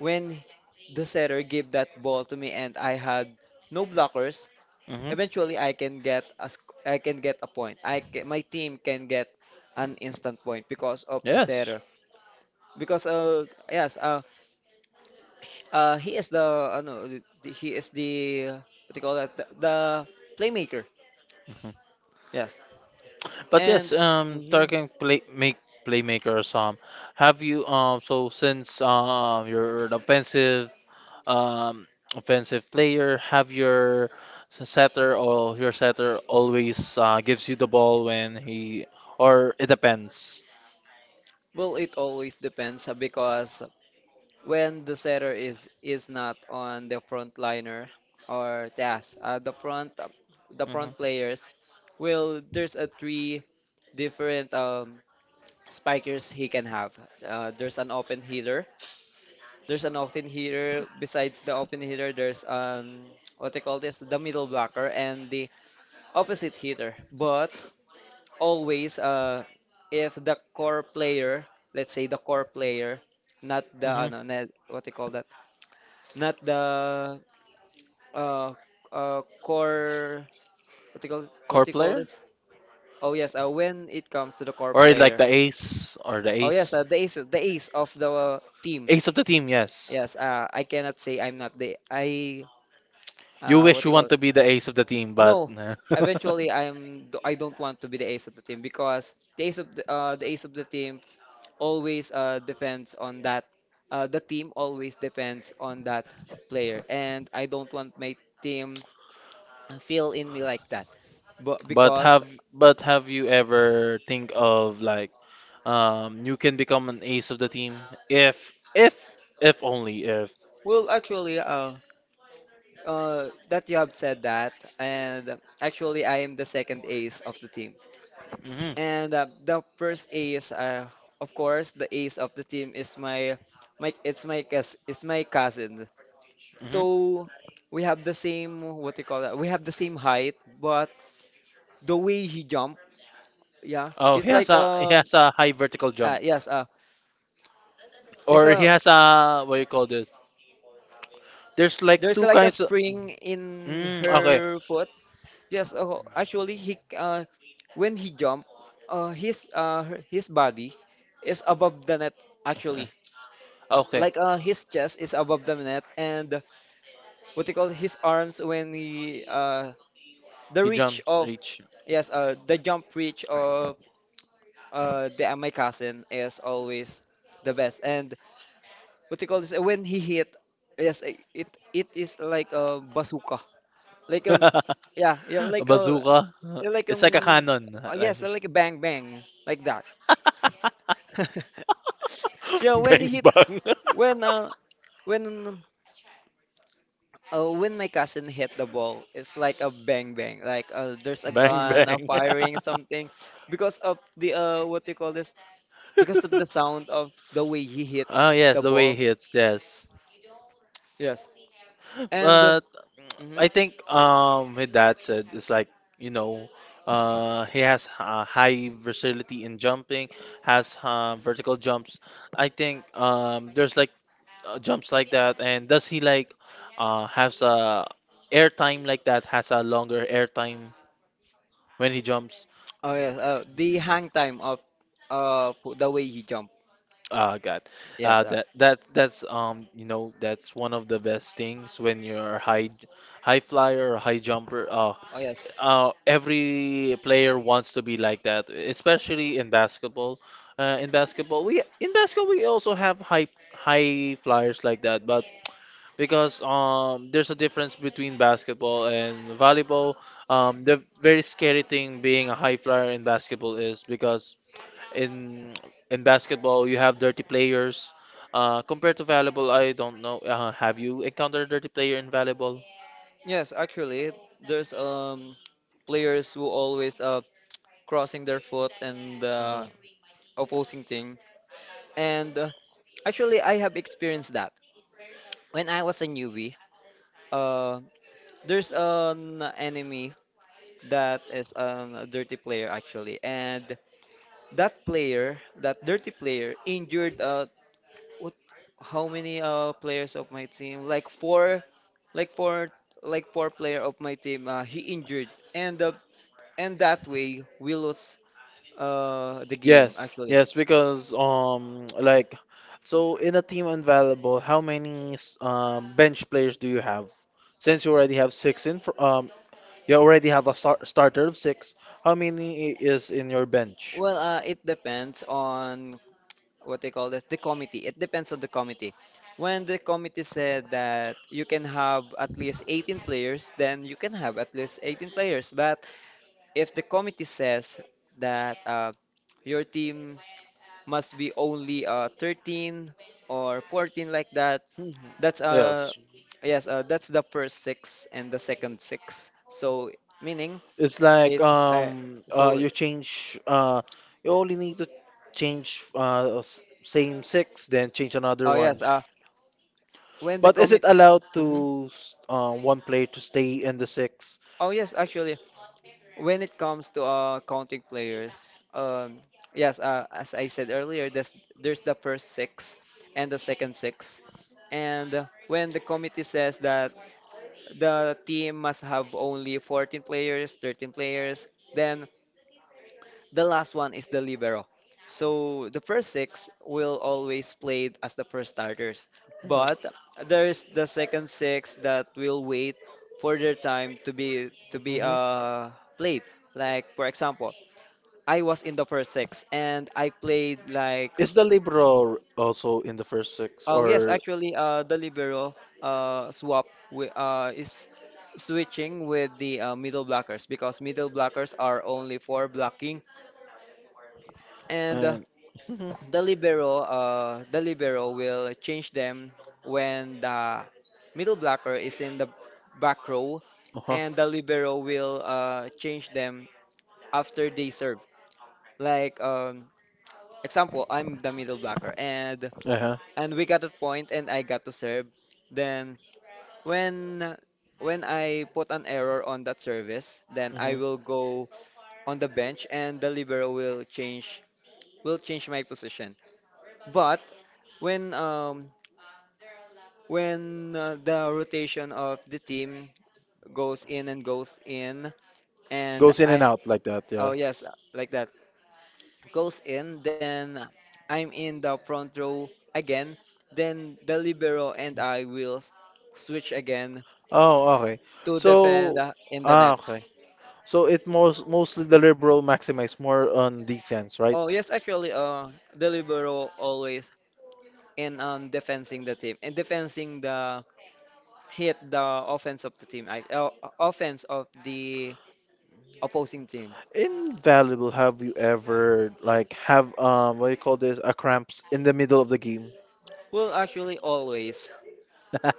when the setter gave that ball to me and I had no blockers, eventually I can get a sc- I can get a point. I ca- my team can get an instant point because of this
Yes.
error. Because uh yes uh, uh he is the uh, no, the, the- he is the uh, what do you call that, the, the playmaker.
Mhm.
Yes.
But yes,
And
um,
mhm,
talking play make playmakers. Um, have you um so since um you're an offensive um offensive player, have your s- setter or your setter always uh, gives you the ball when he or it depends.
well, it always depends, uh, because when the setter is is not on the front liner, or yes, uh, the front uh, the
Hmm.
front players, well, there's a three different um spikers he can have. Uh, there's an open hitter. There's an open hitter. Besides the open hitter, there's um what they call this, the middle blocker and the opposite hitter. But always, uh, if the core player, let's say the core player, not the
Hmm.
ano, na- what they call that, not the uh, uh core, what do you call, what
Core
do you call
player?
this? Oh yes, uh, when it comes to the core
Or like
player.
the ace or the
Oh yes,
ace.
uh, the ace, the ace of the team.
Ace of the team, yes.
Yes, uh, I cannot say I'm not the I
You
uh, what
wish
do
you
you call
want
it?
to be the ace of the team, but
No, eventually I'm I don't want to be the ace of the team, because the ace of the uh, the ace of the team always uh, depends on that uh, the team always depends on that player, and I don't want my team feel in me like that. But
but
because,
have but have you ever think of like um you can become an ace of the team if if if only if.
well, actually, uh, uh that you have said that, and actually I am the second ace of the team.
Hmm.
And uh, the first ace, uh, of course, the ace of the team is my, my it's my cous it's my cousin.
Hmm.
Though we have the same, what do you call that? We have the same height, but the way he jump, yeah,
Oh,
it's
he has
like
a he
um,
has a high vertical
uh,
jump,
yes, uh, it's
or he
a,
has a what you call this? There's like
there's
two
like a
kinds of.
spring in
Mm, okay.
her foot. Yes, uh, actually, he uh, when he jump, uh, his uh, her- his body is above the net actually,
Okay.
like uh his chest is above the net, and what they call his arms when he uh the
He
reach
jumps,
of,
reach.
yes, uh the jump reach of uh the uh, my cousin is always the best, and what they call this when he hit, yes, i- it it is like a bazooka, like um,
A
yeah yeah, like a,
bazooka.
like
It's like a
um,
cannon.
uh,
Like,
yes, like a bang bang like that. Yeah, when he
bang
hit,
bang.
when uh when Uh, when my cousin hit the ball, it's like a bang bang. Like uh, there's a
bang
gun uh,
bang.
firing something because of the uh, what do you call this? Because of the sound of the way he hit
oh yes,
the
the way
ball.
he hits, yes.
Yes, and uh,
But
mhm.
I think um with that said, it's like you know, uh, he has uh, high versatility in jumping, has uh, vertical jumps. I think um there's like uh, jumps like that, and does he like uh has a air time like that? Has a longer air time when he jumps?
Oh yes, uh, the hang time of uh po- the way he jumped.
Uh, God,
Yes,
uh,
uh,
that that that's um you know that's one of the best things when you're a high high flyer or high jumper. Uh,
oh yes,
Uh, every player wants to be like that, especially in basketball. Uh, in basketball, we in basketball, we also have high high flyers like that, but because um there's a difference between basketball and volleyball. Um, the very scary thing being a high flyer in basketball is because in in basketball you have dirty players. Uh, compared to volleyball, I don't know. Uh, have you encountered a dirty player in volleyball?
yes. Actually, there's um players who always uh crossing their foot and the opposing team. And uh, actually, I have experienced that. When I was a newbie, uh, there's an enemy that is um, a dirty player actually, and that player, that dirty player, injured, uh, what? How many uh players of my team? Like four, like four, like four player of my team. Uh, he injured, and uh, and that way we lost uh the game
Yes,
actually.
yes, because um like so in a team invaluable, how many s- um bench players do you have? Since you already have six in fr- um you already have a star starter of six, how many i- is in your bench?
Well, uh, it depends on what they call this, the committee, it depends on the committee. When the committee said that you can have at least eighteen players, then you can have at least eighteen players, but if the committee says that uh, your team must be only uh, thirteen or fourteen like that,
Mhm.
that's uh
Yes.
yes, uh, that's the first six and the second six, so meaning
It's like
it uh,
um uh
so
you change uh you only need to change uh s- same six then change another
oh
one.
yes, uh when the
But is it
commit.
allowed
Mhm.
to s- uh, one player to stay in the six?
Oh yes, actually, when it comes to uh, counting players, um, yes, uh, as I said earlier, there's, there's the first six and the second six. And uh, when the committee says that the team must have only fourteen players, thirteen players, then the last one is the libero. So the first six will always play as the first starters,
Mhm.
but there is the second six that will wait for their time to be to be
Mhm.
uh played. Like for example, I was in the first six and I played like.
Is the Libro also in the first six
Oh yes,
or
actually, uh the libero uh swap wi- uh is switching with the uh, middle blockers because middle blockers are only for blocking and uh,
and Mhm.
the libero uh the libero will change them when the middle blocker is in the back row,
Uh-huh.
and the libero will uh change them after they serve. Like um example, I'm the middle blocker and
Uh-huh.
and we got a point and I got to serve. Then when when I put an error on that service, then I
Hmm.
will go on the bench, and the libero will change will change my position. But when um when uh, the rotation of the team goes in and goes in and
Goes in and
I'm.
out like that,
Oh
yeah.
yes, uh, like that. Goes in, then I'm in the front row again, then the libero and I will s- switch again
Oh, okay.
to defend
So,
uh, in the
ah,
net.
okay. So it most mostly the liberal maximize more on defense, right?
Oh yes, actually, uh the libero always in on defending the team and defending the hit the offense of the team, I, uh, offense of the opposing team.
Invaluable. Have you ever like have um what do you call this a cramps in the middle of the game?
Well, actually, always.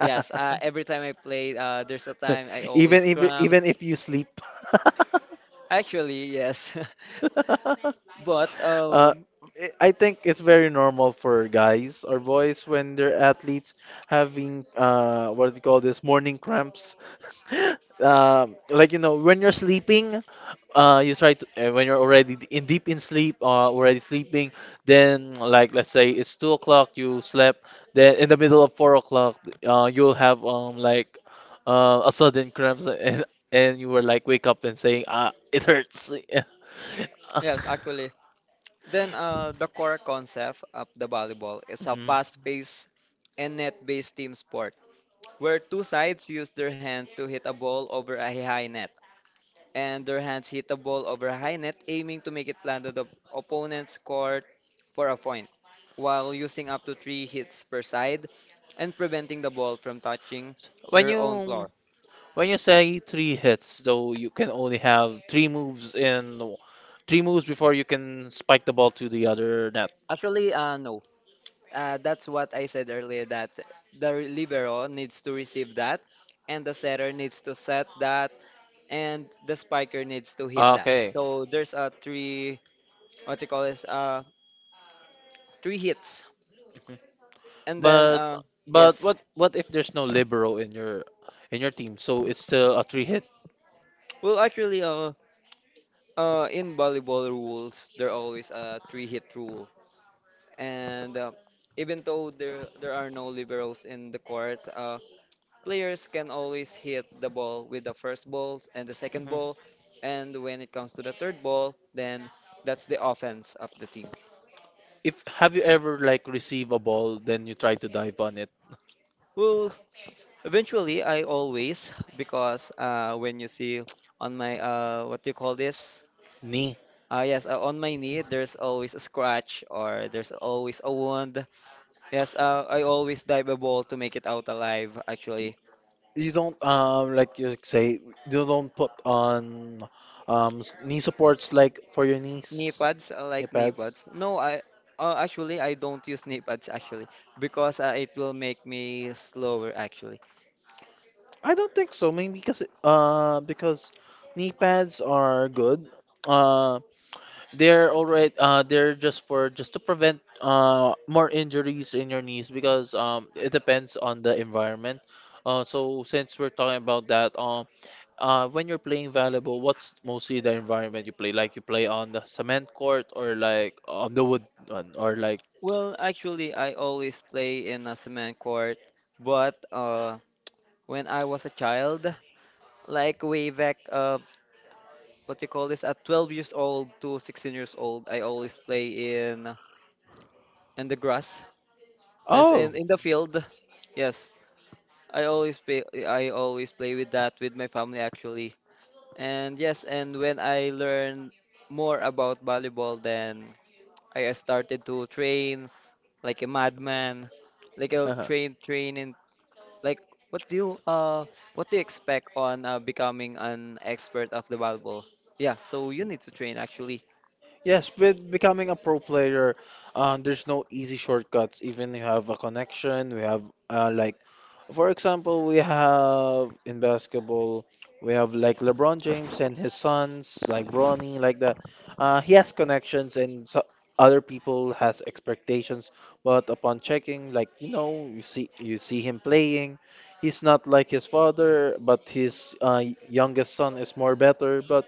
Yes, uh, every time I play, uh, there's a time I
Even
always
if
cramps.
even if you sleep.
Actually, yes. But
Uh,
um,
I I think it's very normal for guys or boys when they're athletes having uh what do you call this morning cramps. Um, like you know when you're sleeping, uh you try to uh, when you're already d- in deep in sleep, uh, already sleeping. Then like let's say it's two o'clock, you slept. Then in the middle of four o'clock, uh you'll have um like uh, a sudden cramps and and you were like wake up and saying ah it hurts.
yes, actually. Then uh, the core concept of the volleyball is a
Mhm.
fast-paced and net-based team sport where two sides use their hands to hit a ball over a high net. And their hands hit the ball over a high net, aiming to make it land on the opponent's court for a point, while using up to three hits per side and preventing the ball from touching
When
their own
you
floor.
when you say three hits, though, you can only have three moves in w- three moves before you can spike the ball to the other net.
Actually, uh, no. Uh, that's what I said earlier that the libero needs to receive that, and the setter needs to set that, and the spiker needs to hit that.
Okay.
So there's a three, what you call this, uh, three hits,
Mhm.
and then
But
uh,
but
yes.
what what if there's no libero in your in your team? So it's still a three hit.
Well, actually, uh, uh, in volleyball rules, there always a three-hit rule, and uh, even though there there are no liberos in the court, uh, players can always hit the ball with the first ball and the second
Mhm.
ball, and when it comes to the third ball, then that's the offense of the team.
If have you ever like receive a ball then you try to dive on it
Well, eventually, I always because uh, when you see on my uh, what do you call this?
knee
Uh, yes, uh, on my knee, there's always a scratch or there's always a wound. Yes, uh, I always dive a ball to make it out alive, actually.
you don't um like you say you don't put on um s- knee supports like for your
Knee
knees
pads, I
knee
like knee
pads.
pads. No, I uh, actually I don't use knee pads actually because uh, it will make me slower actually.
I don't think so maybe because it- uh because knee pads are good uh they're alright uh they're just for just to prevent uh more injuries in your knees because um it depends on the environment uh so since we're talking about that um, uh, when you're playing volleyball, what's mostly the environment you play? Like you play on the cement court or like on the wood one or like
Well, actually I always play in a cement court, but uh when I was a child, like way back uh what you call this at twelve years old to sixteen years old, I always play in in the grass, as
oh.
in in the field. Yes. I always play I always play with that with my family actually. And yes, and when I learned more about volleyball, then I started to train like a madman. Like I'll
Uh huh.
train train in like what do you uh what do you expect on uh, becoming an expert of the volleyball? Yeah, so you need to train actually.
Yes, with becoming a pro player, uh, there's no easy shortcuts. Even you have a connection, we have uh, like, for example, we have in basketball, we have like LeBron James and his sons, like Bronny, like that. Uh, he has connections, and so other people has expectations. But upon checking, like you know, you see you see him playing. He's not like his father, but his uh, youngest son is more better. But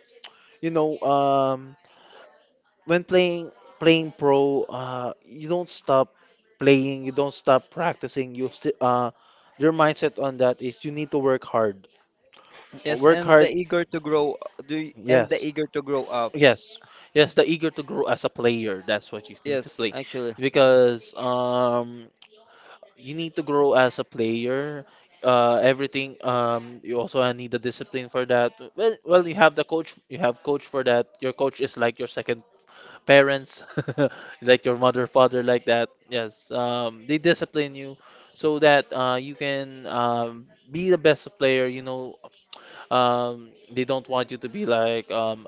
you know, um when playing playing pro, uh, you don't stop playing, you don't stop practicing. You sti uh, your mindset on that is you need to work hard.
Yes,
Work
and the
hard.
eager to grow do y- and the
Yes,
eager to grow up.
yes, yes, the eager to grow as a player. That's what you need to
Yes,
play,
actually.
because um you need to grow as a player. Uh, everything. Um, you also need the discipline for that. Well, well, you have the coach. You have coach for that. Your coach is like your second parents, like your mother, father, like that. Yes, um, they discipline you so that uh, you can um, be the best player. You know, um, they don't want you to be like um,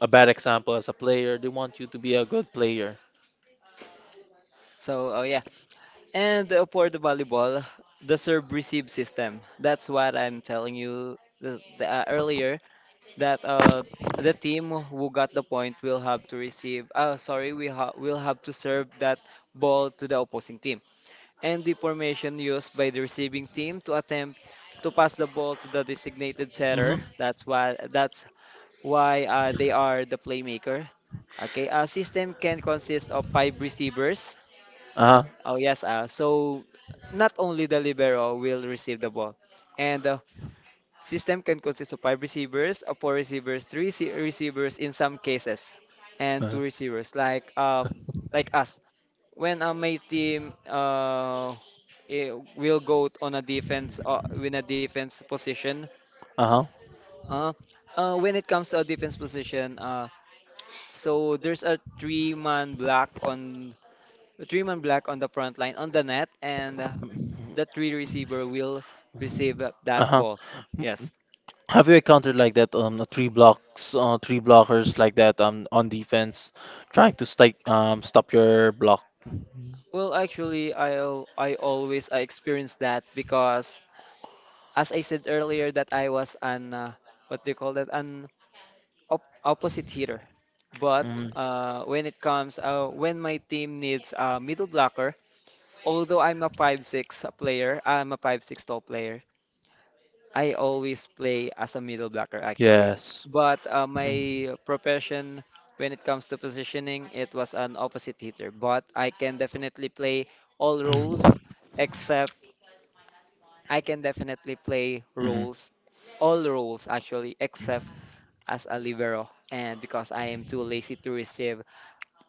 a bad example as a player. They want you to be a good player.
So uh, yeah. And uh, for the volleyball, the serve receive system. That's what I'm telling you the, the, uh, earlier that uh, the team who got the point will have to receive. Uh, sorry, we ha will have to serve that ball to the opposing team. And the formation used by the receiving team to attempt to pass the ball to the designated setter.
Mm-hmm.
That's why that's why uh, they are the playmaker. Okay, a system can consist of five receivers.
Uh-huh.
Oh yes, uh, so not only the libero will receive the ball, and the system can consist of five receivers, of four receivers, three rece- receivers in some cases, and
Uh-huh.
two receivers like uh like us. When uh, my team uh eh, will go on a defense uh, win a defense position,
Uh-huh.
uh, uh when it comes to a defense position, uh so there's a three-man block on Treeman Black on the front line on the net, and uh, the three receiver will receive uh, that
Uh-huh.
ball. Yes.
Have you encountered like that um three blocks uh three blockers like that um on defense trying to stop um stop your block?
Well, actually, I al- I always I experienced that because as I said earlier that I was an uh, what do you call that an op opposite hitter. But
Hmm.
uh, when it comes uh, when my team needs a middle blocker, although I'm a five six player, I'm a five six tall player, I always play as a middle blocker actually.
Yes.
But uh,
Mm-hmm.
my profession, when it comes to positioning, it was an opposite hitter. But I can definitely play all roles except I can definitely play roles, all roles actually, except as a libero. And because I am too lazy to receive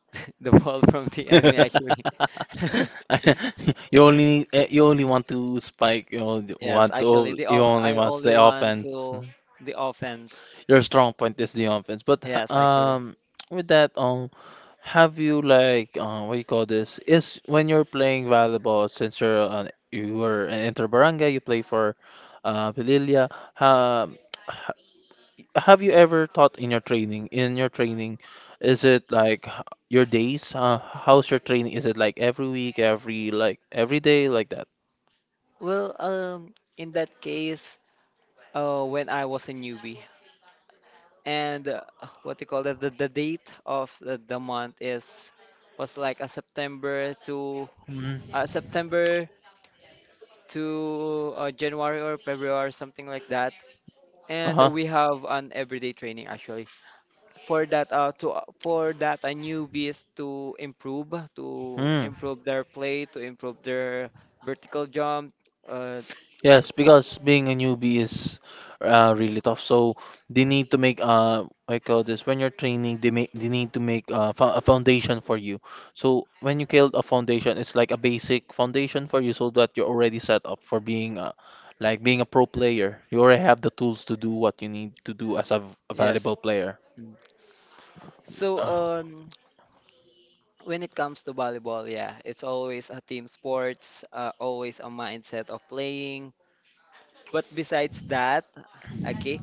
the ball from the enemy, actually.
You only need- eh, you only want to spike. You only
Yes,
want
actually,
to.
the
You
off
only
I
want
only
the
want
offense.
to the offense.
Your strong point is the offense. But h-
Yes, actually.
um, with that, um, have you like uh, what do you call this? Is when you're playing volleyball, since you're an, you were an inter barangay, you play for uh Pililia. Um, have you ever taught in your training? In your training, is it like h- your days? Uh, how's your training? Is it like every week, every like every day, like that?
Well, um, in that case, uh, when I was a newbie, and uh, what you call that, the, the date of the, the month is was like a September to
Mm.
uh, September to uh, January or February or something like that. And
Uh-huh.
we have an everyday training actually for that uh, to uh, for that a newbies to improve to
Mm.
improve their play to improve their vertical jump. Uh,
Yes, because being a newbie is uh, really tough. So they need to make uh, I call this when you're training, they make they need to make uh, fo- a foundation for you. So when you build a foundation, it's like a basic foundation for you, so that you're already set up for being uh, like being a pro player. You already have the tools to do what you need to do as a, v- a
yes.
valuable player.
Mm. So
Uh,
um. When it comes to volleyball, yeah, it's always a team sports, uh, always a mindset of playing. But besides that, okay,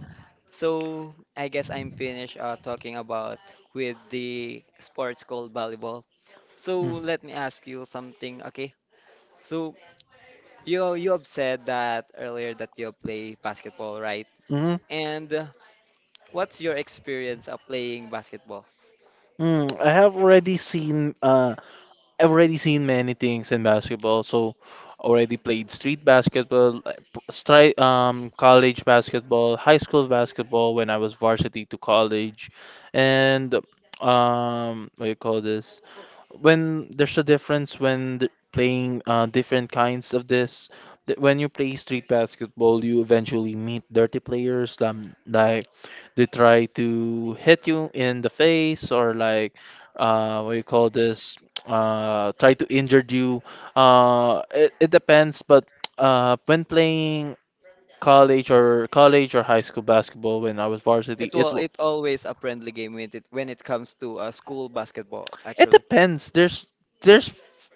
so I guess I'm finished uh, talking about with the sports called volleyball. So
mm.
let me ask you something, okay? So you you have said that earlier that you play basketball, right?
Mm,
And uh, what's your experience of playing basketball?
mm. I have already seen uh, I've already seen many things in basketball. So, already played street basketball, uh, p- stri um, college basketball, high school basketball when I was varsity to college, and um, what do you call this? When there's a difference when th- playing uh, different kinds of this. Th- When you play street basketball, you eventually meet dirty players. Um, like they try to hit you in the face, or like uh, what you call this? Uh, try to injure you. Uh, it, it depends, but uh, when playing college or college or high school basketball, when I was varsity,
It
it
will
wa-
it always a friendly game when it when it comes to uh, school basketball,
it
actually.
depends. There's there's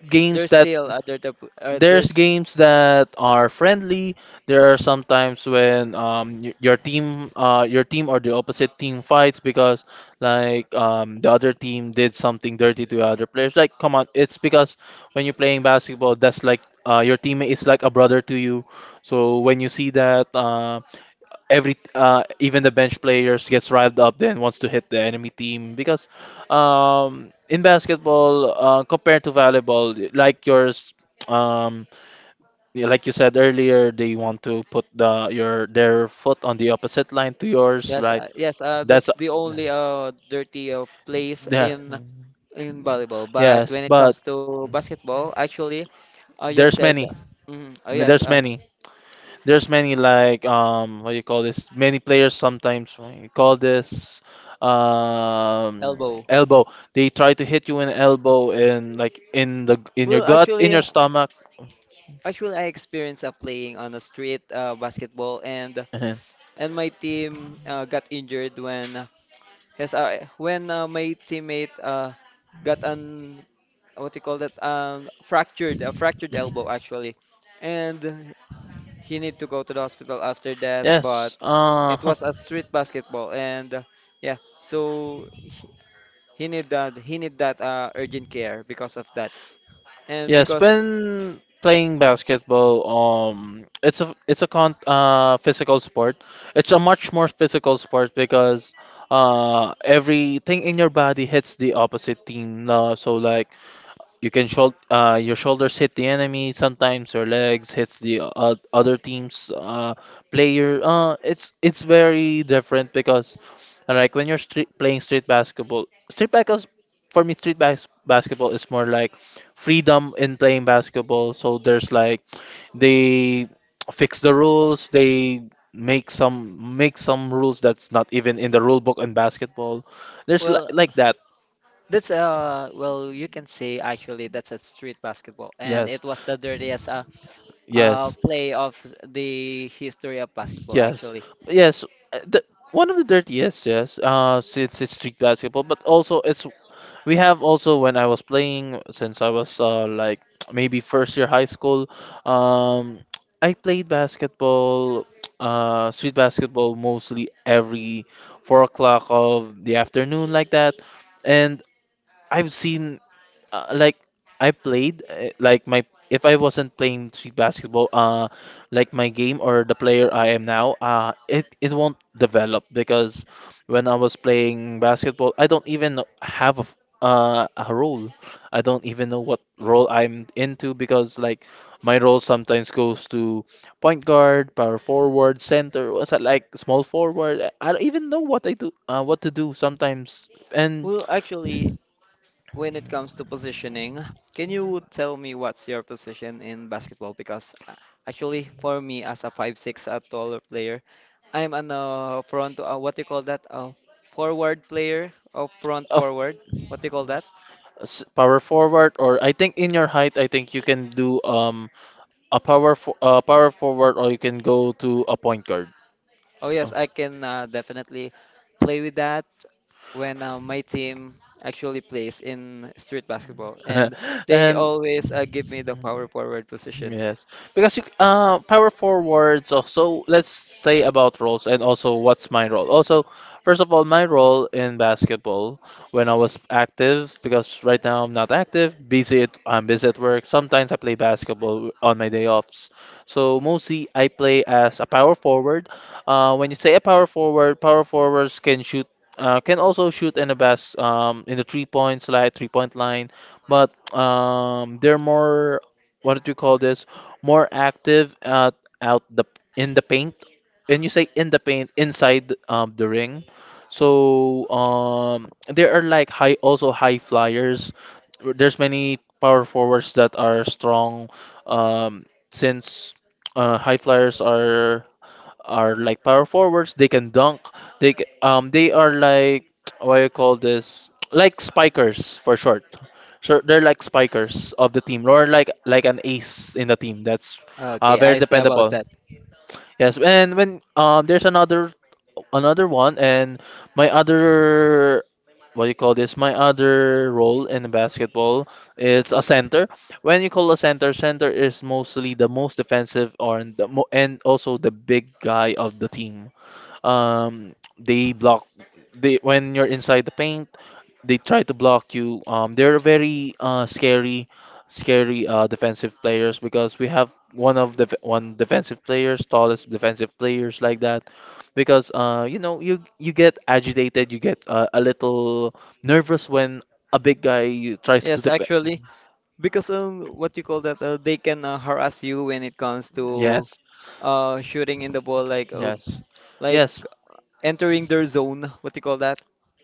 games
There's
that
still a dirt up- uh,
there's
there's
games that are friendly. There are sometimes when um y- your team uh your team or the opposite team fights because like um the other team did something dirty to the other players. Like come on, it's because when you're playing basketball, that's like uh your teammate is like a brother to you. So when you see that uh every uh even the bench players gets riled up then wants to hit the enemy team because um in basketball uh, compared to volleyball like yours, um, yeah, like you said earlier, they want to put the your their foot on the opposite line to yours,
Yes,
right?
uh, yes, uh,
That's
that's the only uh dirty uh, place
yeah,
in in volleyball. But
yes,
when it
but
comes to basketball, actually, uh, you have
there's
said
many,
mm, oh yes,
there's
uh,
many, there's many like um, what do you call this? Many players sometimes what you call this um
elbow.
elbow. They try to hit you in elbow in like in the in your
Well,
gut, in
actually,
your stomach.
actually, I experienced uh, playing on a street uh, basketball, and
Mhm.
and my team uh, got injured when. Yes, I when uh, my teammate uh, got an what you call that um fractured a fractured elbow actually, and he need to go to the hospital after that. But
Yes,
it
uh,
was a street basketball, and uh, yeah, so he, he need that he need that uh, urgent care because of that, and
Yes,
because.
when playing basketball, um, it's a it's a con uh physical sport. It's a much more physical sport because uh everything in your body hits the opposite team. Uh, so like you can shoul uh, your shoulders hit the enemy sometimes, your legs hits the uh, other team's uh, player. Uh, it's it's very different because uh, like when you're street, playing street basketball, street basketball for me, street bas basketball is more like freedom in playing basketball. So there's like they fix the rules, they make some make some rules that's not even in the rule book in basketball. There's like
Well,
like that.
that's uh well you can say actually that's a street basketball, and
Yes,
it was the dirtiest uh, uh
yes.
play of the history of basketball
Yes,
actually.
yes. uh, The, one of the dirtiest, yes. Uh, since it's street basketball, but also it's we have also when I was playing since I was uh like maybe first year high school, um, I played basketball, uh, street basketball mostly every four o'clock of the afternoon like that, and I've seen uh, like I played uh, like my, if I wasn't playing street basketball, uh, like my game or the player I am now, uh, it it won't develop because when I was playing basketball, I don't even know- have a f- uh, a role. I don't even know what role I'm into because like my role sometimes goes to point guard, power forward, center, what's that like small forward. I I don't even know what I do, uh, what to do sometimes, and.
Well, actually, when it comes to positioning, can you tell me what's your position in basketball? Because uh, actually, for me, as a five-six, a taller player, I'm an uh, front, uh, what do you call that? A forward player or front forward? What do you call that?
S- power forward or I think in your height I think you can do um a power fo- uh, power forward, or you can go to a point guard.
Oh, yes,
Oh.
I can uh, definitely play with that when uh, my team actually plays in street basketball. And they
And
always uh, give me the power forward position.
yes, because you, uh, power forwards also, let's say about roles and also what's my role. Also, first of all, my role in basketball when I was active, because right now I'm not active, busy at, I'm busy at work. Sometimes I play basketball on my day offs. So mostly I play as a power forward. Uh, when you say a power forward, power forwards can shoot, uh, can also shoot in the best, um, in the three points like three point line, but um, they're more what do you call this? More active at out the in the paint. And you say in the paint, inside um, the ring. So um, there are like high, also high flyers. There's many power forwards that are strong, um, since uh, high flyers are are like power forwards. They can dunk. They c- um they are like what you call this, like spikers for short. So they're like spikers of the team, or like like an ace in the team. That's uh,
Okay,
very
I see about
dependable.
that.
Yes, and when um there's another, another one, and my other what do you call this? My other role in basketball is a center. When you call a center, center is mostly the most defensive or and the mo and also the big guy of the team. Um, they block they when you're inside the paint, they try to block you. Um, they're very uh, scary, scary uh, defensive players, because we have one of the one defensive players, tallest defensive players like that. Because uh, you know, you you get agitated, you get uh, a little nervous when a big guy tries to
Yes,
defend.
actually. Because um, what you call that? Uh, they can uh, harass you when it comes to
Yes,
uh shooting in the ball, like uh,
yes,
like
yes.
entering their zone. What you call that?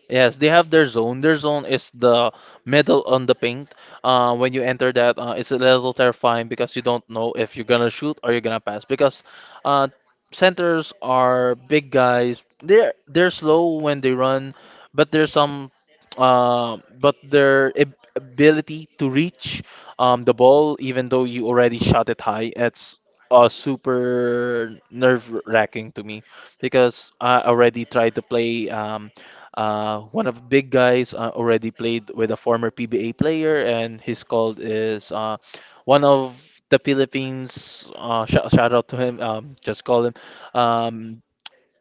Yes, they have their zone. Their zone is the middle on the paint. Uh, when you enter that, uh, it's a little terrifying because you don't know if you're gonna shoot or you're gonna pass. Because uh, centers are big guys. They're they're slow when they run, but there's some, uh, but their ab- ability to reach um, the ball, even though you already shot it high, it's uh, super nerve-wracking to me because I already tried to play. Um, uh, one of big guys uh, already played with a former P B A player, and his call is uh, one of the Philippines. Uh, sh Shout out to him. Um, just call him. Um,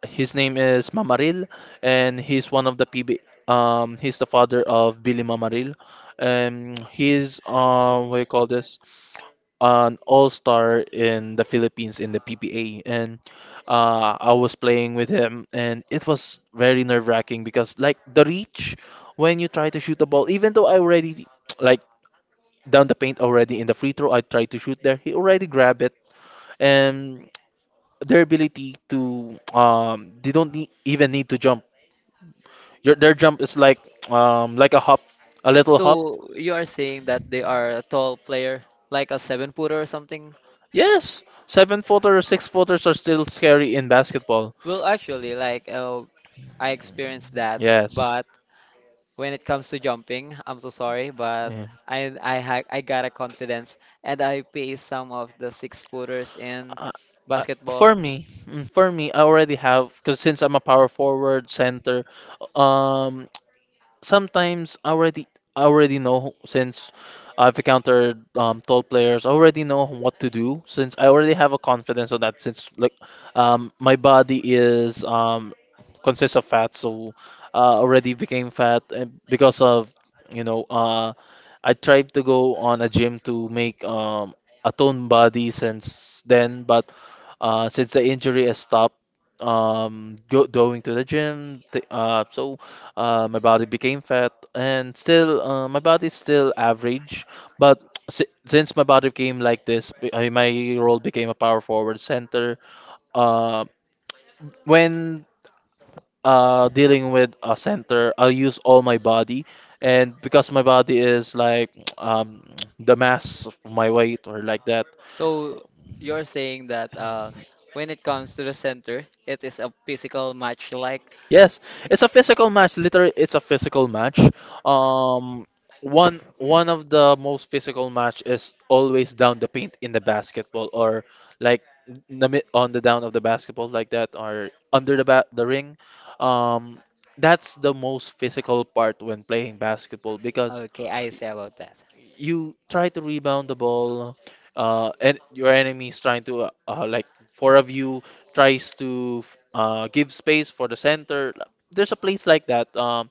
his name is Mamaril, and he's one of the P B A. Um, he's the father of Billy Mamaril. Um, he's uh, what do you call this? An all-star in the Philippines in the P P A, and uh, I was playing with him, and it was very nerve-wracking because like the reach when you try to shoot the ball, even though I already like down the paint already in the free throw, I tried to shoot there, he already grabbed it, and their ability to um they don't need, even need to jump. Your, their jump is like um like a hop, a little hop.
So you are saying that they are a tall player, like a seven footer or something?
Yes, seven footer, six footers are still scary in basketball.
Well, actually, like uh, I experienced that,
Yes.
but when it comes to jumping, I'm so sorry, but
Yeah.
I I ha I got a confidence and I pace some of the six footers in
Uh, uh,
basketball.
for me, mm, for me, I already have because since I'm a power forward center, um, sometimes I already, I already know since I've encountered um, tall players. I already know what to do since I already have a confidence on that. Since like um, my body is um, consists of fat, so uh, already became fat, and because of you know uh, I tried to go on a gym to make um, a toned body since then, but uh, since the injury has stopped um, go, going to the gym, t uh, so. Uh, my body became fat, and still, uh, my body's still average. But si since my body became like this, be- mean, my role became a power forward center. Uh, when uh, dealing with a center, I'll use all my body, and because my body is like um, the mass of my weight or like that,
So you're saying that uh, when it comes to the center, it is a physical match like.
yes, it's a physical match. Literally, it's a physical match. Um, one One of the most physical match is always down the paint in the basketball, or like in the mid- on the down of the basketball like that, or under the ba the ring. Um, that's the most physical part when playing basketball because
Okay, I see about that.
you try to rebound the ball, uh, and your enemy is trying to uh, uh, like four of you tries to f- uh, give space for the center. There's a place like that. Um,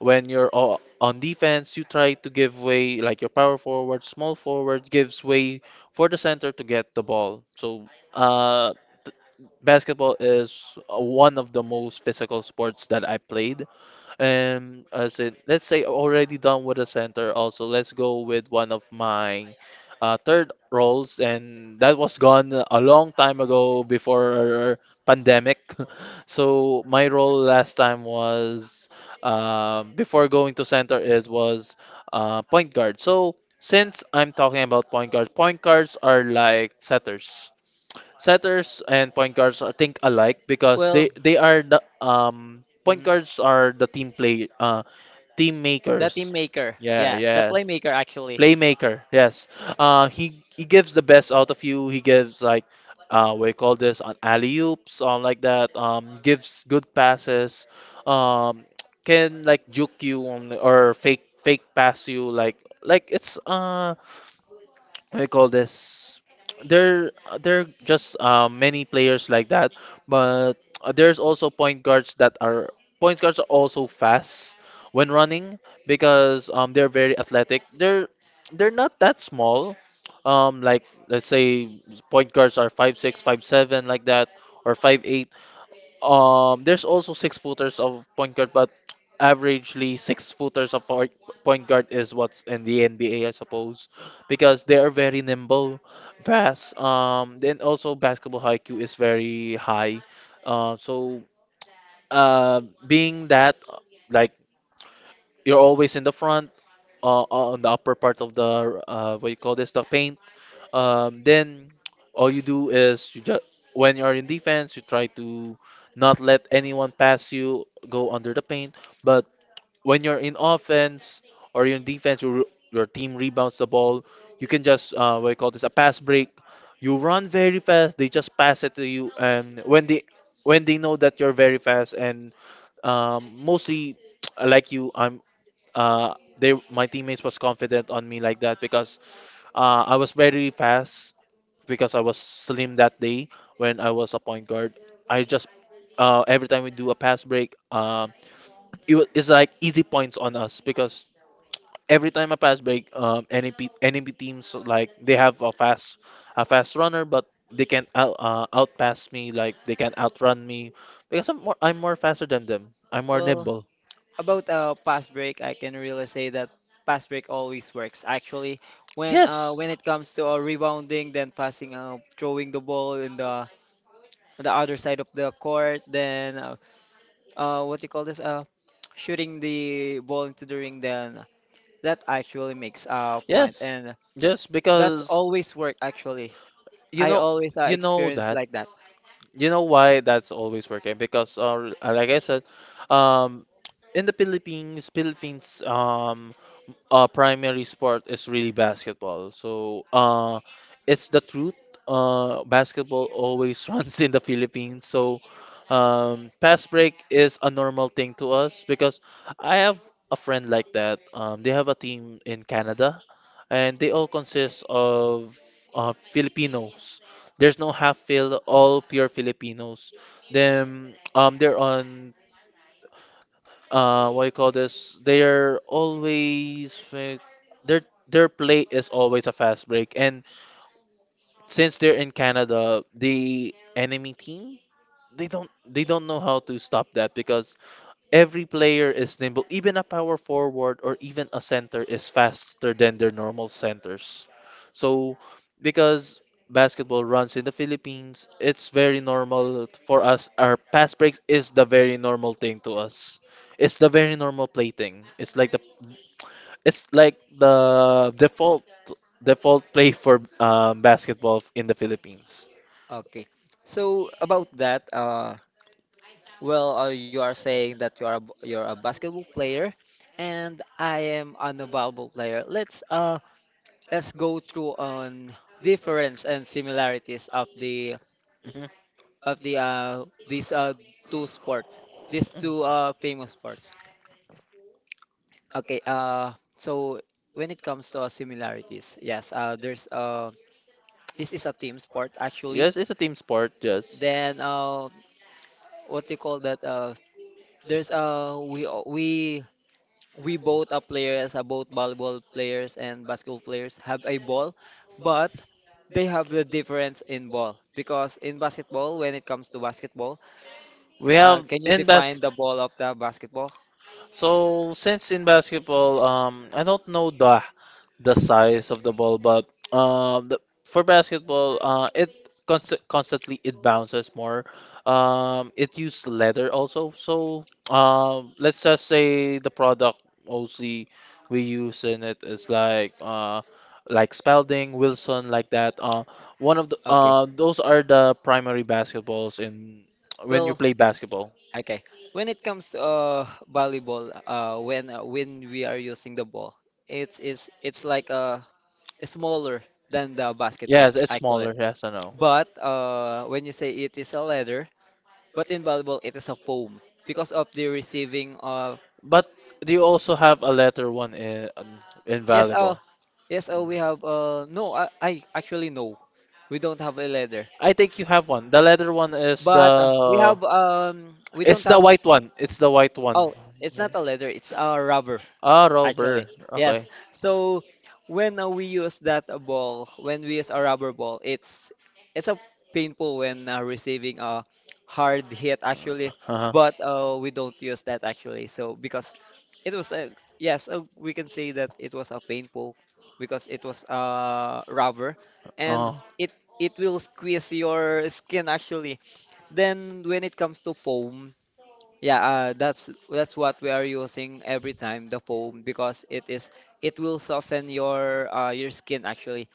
when you're o- on defense, you try to give way, like your power forward, small forward gives way for the center to get the ball. So uh, th- basketball is uh, one of the most physical sports that I played. And I said, let's say already done with the center also. Let's go with one of my uh, third roles, and that was gone a long time ago before pandemic. So my role last time was um, before going to center it was uh, point guard. So since I'm talking about point guards, point guards are like setters. Setters and point guards are think alike because
Well,
they they are the um point
mhm.
guards are the team play uh team
The team
makers.
maker,
Yeah,
yes, the
yes.
playmaker actually.
Playmaker, yes. Uh he he gives the best out of you. He gives like uh we call this an alley oops um like that. Um, gives good passes. Um, can like juke you on, or fake fake pass you like like it's uh what do you call this? There, there are just uh, many players like that, but there's also point guards that are point guards are also fast when running because um they're very athletic. They're they're not that small. Um, like let's say point guards are five six, five seven like that, or five eight. Um, there's also six footers of point guard, but averagely six footers of point point guard is what's in the N B A, I suppose, because they are very nimble, fast. Um, then also basketball I Q is very high. Uh, so uh, Being that like you're always in the front, uh, uh, on the upper part of the uh, what you call this, the paint, um, then all you do is you just when you're in defense, you try to not let anyone pass you, go under the paint. But when you're in offense or you're in defense, your your team rebounds the ball. You can just uh, what do you call this, a pass break. You run very fast. They just pass it to you, and when they when they know that you're very fast and um, mostly like you, I'm uh, they my teammates was confident on me like that because uh, I was very fast because I was slim that day when I was a point guard. I just uh, every time we do a pass break, um, it wa- it's like easy points on us because every time a pass break, um, N A P, teams like they have a fast a fast runner, but they can out uh, outpass me, like they can outrun me because I'm more I'm more faster than them. I'm more
Well,
nimble.
about uh, pass break, I can really say that pass break always works. Actually, when uh,
Yes,
when it comes to uh, rebounding, then passing, uh, throwing the ball in the on the other side of the court, then uh, uh, what do you call this? Uh, shooting the ball into the ring, then that actually makes a point,
yes,
and
yes.
that's
Because
always work actually.
you
I
know
always uh,
you know
experience
that.
like that.
You know why that's always working? Because, uh, like I said, um, in the Philippines, Philippines, um, uh, primary sport is really basketball. So, uh, it's the truth. Uh, basketball always runs in the Philippines. So, um, fast break is a normal thing to us because I have a friend like that. Um, they have a team in Canada, and they all consist of uh, Filipinos. There's no half filled, all pure Filipinos. Them um they're on uh what you call this? They're always fi- their their play is always a fast break. And since they're in Canada, the enemy team they don't they don't know how to stop that because every player is nimble. Even a power forward or even a center is faster than their normal centers. So, because basketball runs in the Philippines, it's very normal for us. Our pass breaks is the very normal thing to us. It's the very normal play thing. It's like the it's like the default default play for um, basketball in the Philippines.
Okay. So about that, uh, well, uh, you are saying that you are a, b- you're a basketball player, and I am a volleyball player. Let's uh let's go through on difference and similarities of the
Mhm.
of the uh these uh two sports, these two uh famous sports. Okay, uh, so when it comes to uh, similarities, yes, uh, there's uh, this is a team sport actually.
Yes, it's a team sport. Yes,
Then uh, what you call that? Uh, there's uh, we all- we we both are players, uh, both volleyball players and basketball players have a ball, but they have the difference in ball because in basketball, when it comes to basketball,
we
uh,
have
can you
in
define
basket.
the ball of the basketball?
So since in basketball, um, I don't know the the size of the ball, but um, the, for basketball, uh, it const constantly it bounces more. Um, it uses leather also. So um, let's just say the product mostly we use in it is like uh, like Spalding, Wilson, like that. Uh, one of the
Okay,
uh, those are the primary basketballs in when you
well.
play basketball.
Okay. When it comes to uh, volleyball, uh, when uh, when we are using the ball, it's is it's like uh smaller than the basketball
Yes, it's
actually.
smaller. Yes, I know.
But uh, when you say it is a leather, but in volleyball it is a foam because of the receiving. Uh,
But do you also have a letter one in um,
yes. Uh,
invaluable?
yes. Uh, we have. Uh, no. I, I actually no. We don't have a leather,
I think you have one. The letter one is
but uh, we
the
have. Um, we
it's
don't
the
have.
white one. It's the white one.
Oh, it's
Yeah.
not a leather. It's a rubber.
Ah,
Actually,
Robert.
yes.
Okay.
So when uh, we use that uh, ball, when we use a rubber ball, it's it's a painful when uh, receiving a hard hit actually,
Uh-huh.
but uh, we don't use that actually. So because it was a yes, uh, we can say that it was a painful because it was uh rubber and
Oh,
it it will squeeze your skin actually. Then when it comes to foam. Yeah, uh, that's that's what we are using every time the foam because it is it will soften your uh, your skin actually.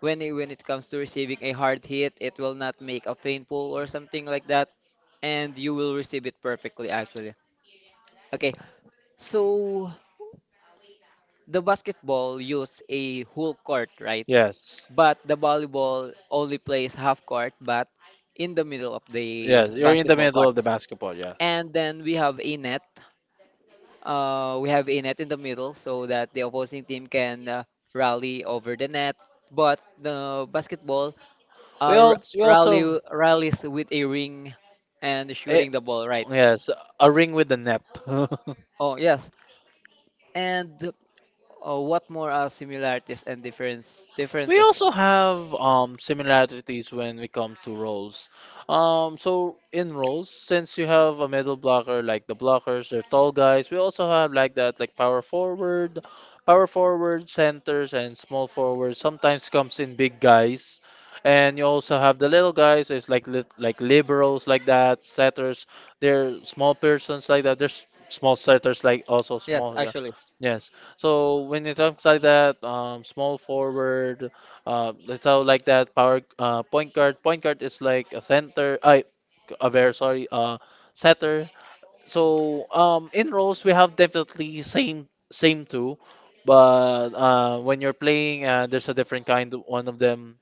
When it, when it comes to receiving a hard hit, it will not make a painful or something like that, and you will receive it perfectly actually. Okay, so the basketball use a whole court, right?
yes.
But the volleyball only plays half court, but in the middle of the
Yes, you're in the
basketball
middle
court.
of the basketball, yes.
And then we have a net uh, we have a net in the middle so that the opposing team can uh, rally over the net. But the basketball
We
uh, r-
all we
rally
also
rallies with a ring and
eh,
shooting the ball, right?
yes, a ring with the net.
Oh yes. And uh, what more are similarities and difference
We
differences?
also have um similarities when we come to roles. Um, so in roles, since you have a middle blocker like the blockers, they're tall guys. We also have like that, like power forward, power forward, centers, and small forwards. Sometimes comes in big guys, and you also have the little guys. It's like lit like liberals like that, setters. They're small persons like that. There's small setters like also
Yes,
small. Yeah.
actually.
Yes. So when it comes like that, um, small forward, uh, so like that power uh, point guard. Point guard is like a center. I, a very sorry. Uh, setter. So um, in roles we have definitely same same two, but uh, when you're playing, uh, there's a different kind. One of them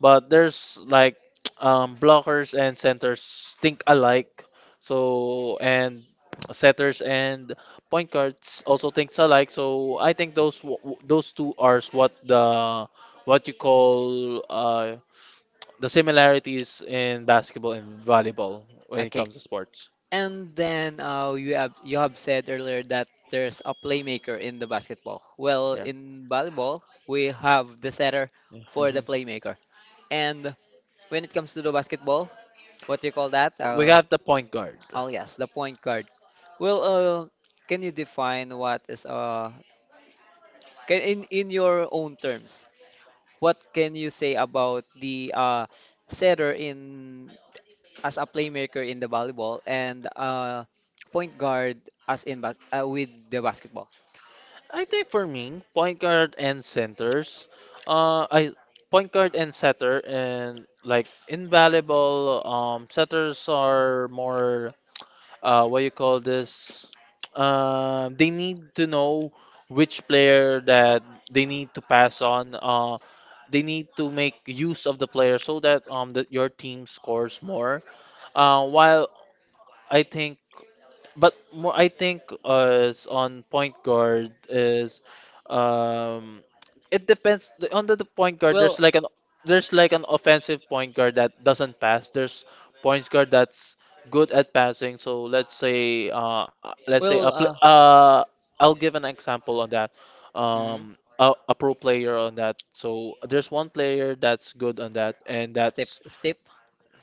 but there's like um, blockers and centers think alike. So and setters and point guards also thinks alike. So I think those w- w- those two are s- what the what you call uh, the similarities in basketball and volleyball when it
Okay.
comes to sports.
And then uh, you have you have said earlier that there's a playmaker in the basketball. Well,
Yeah.
in volleyball, we have the setter
Yeah.
for the
Mhm.
playmaker. And when it comes to the basketball, what do you call that?
We
Uh,
have the point guard.
oh yes, the point guard. Well, uh, can you define what is uh can in in your own terms, what can you say about the uh setter in as a playmaker in the volleyball and uh point guard as in bas uh, with the basketball?
I think for me, point guard and centers, uh, I point guard and setter and like invaluable. Um, setters are more uh, what you call this? Uh, they need to know which player that they need to pass on. Uh, they need to make use of the player so that um that your team scores more. Uh, while I think but more, I think uh, is on point guard is um it depends the- on the, the point guard there's
Well,
like an there's like an offensive point guard that doesn't pass there's point guard that's good at passing. So let's say uh let's say
well,
a pl
uh,
uh I'll give an example on that.
mhm.
um a, a pro player on that, so there's one player that's good on that, and
Step,
that's
step.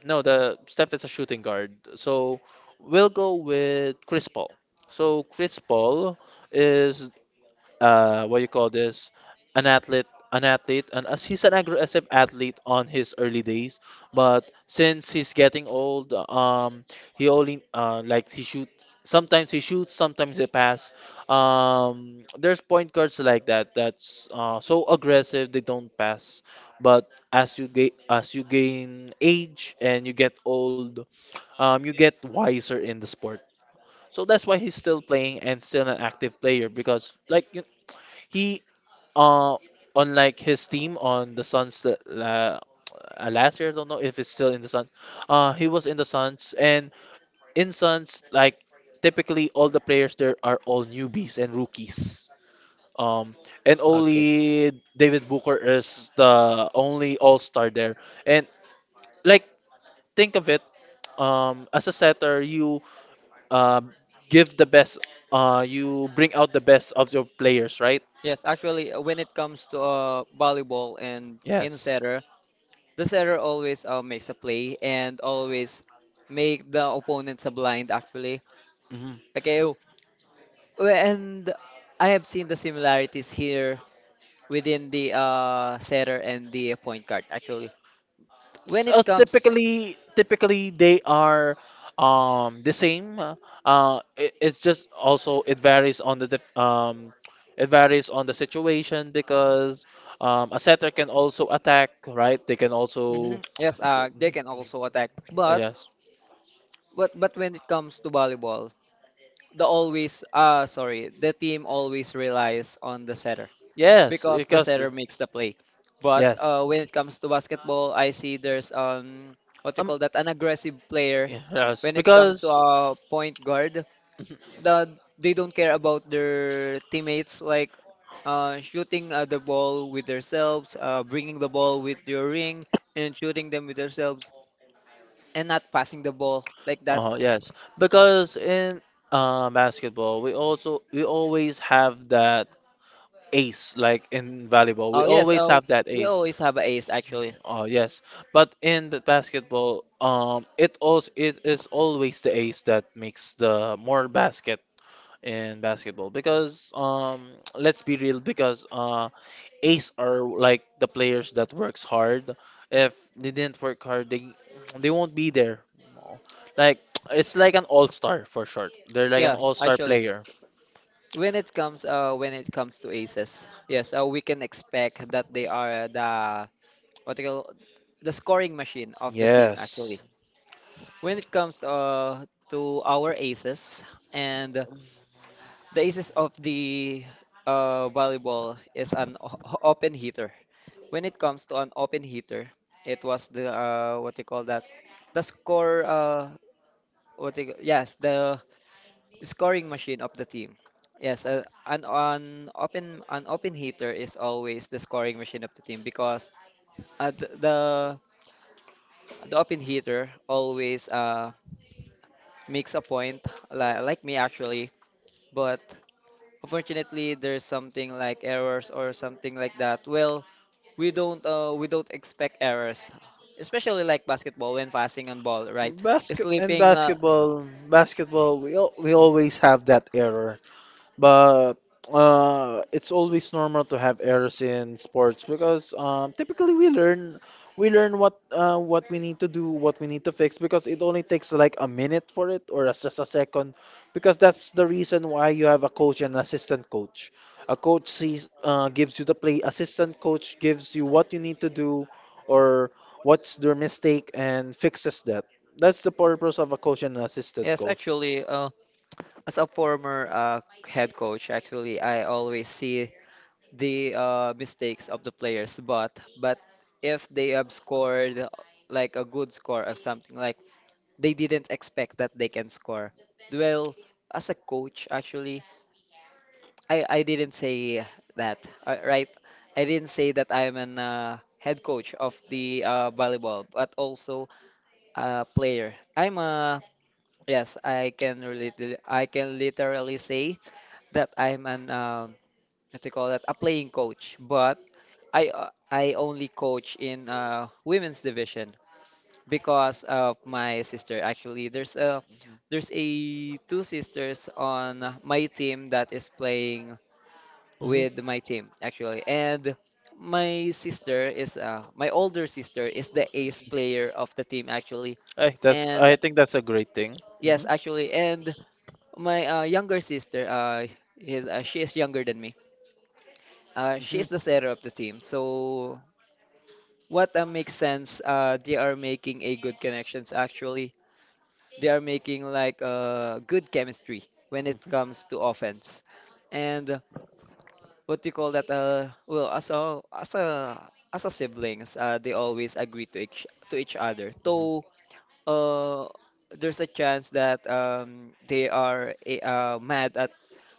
no, the Steph is a shooting guard. So we'll go with Chris Paul. So Chris Paul is uh, what you call this, an athlete, an athlete, and as he's an aggressive athlete on his early days, but since he's getting old, um, he only uh, like he shoot. Sometimes he shoots, sometimes he pass. Um, there's point guards like that that's uh, so aggressive they don't pass. But as you ga- as you gain age and you get old, um, you get wiser in the sport. So that's why he's still playing and still an active player because, like you he uh unlike his team on the Suns that uh, uh, last year, I don't know if it's still in the Suns. Uh, he was in the Suns and in Suns like typically all the players there are all newbies and rookies. Um, and
Okay.
only David Booker is the only All Star there. And like think of it, um, as a setter, you uh, give the best. Uh, you bring out the best of your players, right?
Yes, actually, uh, when it comes to uh, volleyball and in
Yes.
setter, the setter always uh, makes a play and always make the opponents a blind, actually.
Mhm.
Okay, oh, we- and I have seen the similarities here within the uh, setter and the point guard, actually. When
So
it comes,
typically, typically they are um the same. Uh, it, it's just also it varies on the dif- um it varies on the situation because um a setter can also attack, right? They can
mhm,
also
yes, uh, they can also attack, but
yes,
but but when it comes to volleyball, the always uh sorry the team always relies on the setter
yes
because the
because
setter makes the play but uh,
yes,
when it comes to basketball I see there's um what you
um
call that an aggressive player
yes
when it comes to
because.
a point guard the, they don't care about their teammates like uh, shooting uh, the ball with themselves uh, bringing the ball with your ring and shooting them with themselves and not passing the ball like that
Oh yes, because in uh, basketball, we also we always have that ace like in volleyball.
oh
We
yes
always
oh
have that
we
ace.
always have an ace actually.
Oh yes, but in the basketball, um, it also it is always the ace that makes the more basket in basketball because um, let's be real because uh, ace are like the players that works hard. If they didn't work hard, they they won't be there. Like it's like an all star for short. They're like an
Yes,
all star
actually,
player.
when it comes uh when it comes to aces, yes, uh, we can expect that they are the what you call the scoring machine of the team actually.
Yes.
When it comes uh to our aces and the aces of the uh volleyball is an o- o- open hitter. When it comes to an open hitter, it was the uh what you call that the score uh what you, yes the scoring machine of the team. Yes, uh, an an open an open hitter is always the scoring machine of the team because uh, the, the the open hitter always uh makes a point like like me actually, but unfortunately there's something like errors or something like that. Well, we don't uh we don't expect errors, especially like basketball when passing on ball, right?
Basket in
Sleeping uh
basketball, basketball, we al we always have that error. But uh, it's always normal to have errors in sports because um, typically we learn we learn what uh, what we need to do, what we need to fix because it only takes like a minute for it or as- just a second because that's the reason why you have a coach and assistant coach. A coach sees uh, gives you the play, assistant coach gives you what you need to do or what's their mistake and fixes that. That's the purpose of a coach and an assistant
yes
coach.
actually uh as a former uh head coach actually I always see the uh, mistakes of the players, but but if they have scored like a good score or something like they didn't expect that they can score. Well, as a coach, actually, I I didn't say that, uh, right? I didn't say that I'm an uh, head coach of the uh, volleyball, but also a player. I'm a yes, I can relate. I can literally say that I'm an um, what do you call that? A playing coach, but I uh, I only coach in uh, women's division because of my sister. Actually, there's a there's a two sisters on my team that is playing
Mhm.
with my team actually, and my sister is uh, my older sister is the ace player of the team actually,
I that's
and
I think that's a great thing. Hmm.
yes, actually, and my uh, younger sister, uh, is uh, she is younger than me. Uh, she
Hmm.
is the center of the team, so what uh, makes sense, uh, they are making a good connections actually. They are making like uh, good chemistry when it comes to offense. And uh, what do you call that? Uh, well, as a as a as a siblings, uh, they always agree to each to each other.
Hmm.
Though uh, there's a chance that um, they are eh, uh, mad at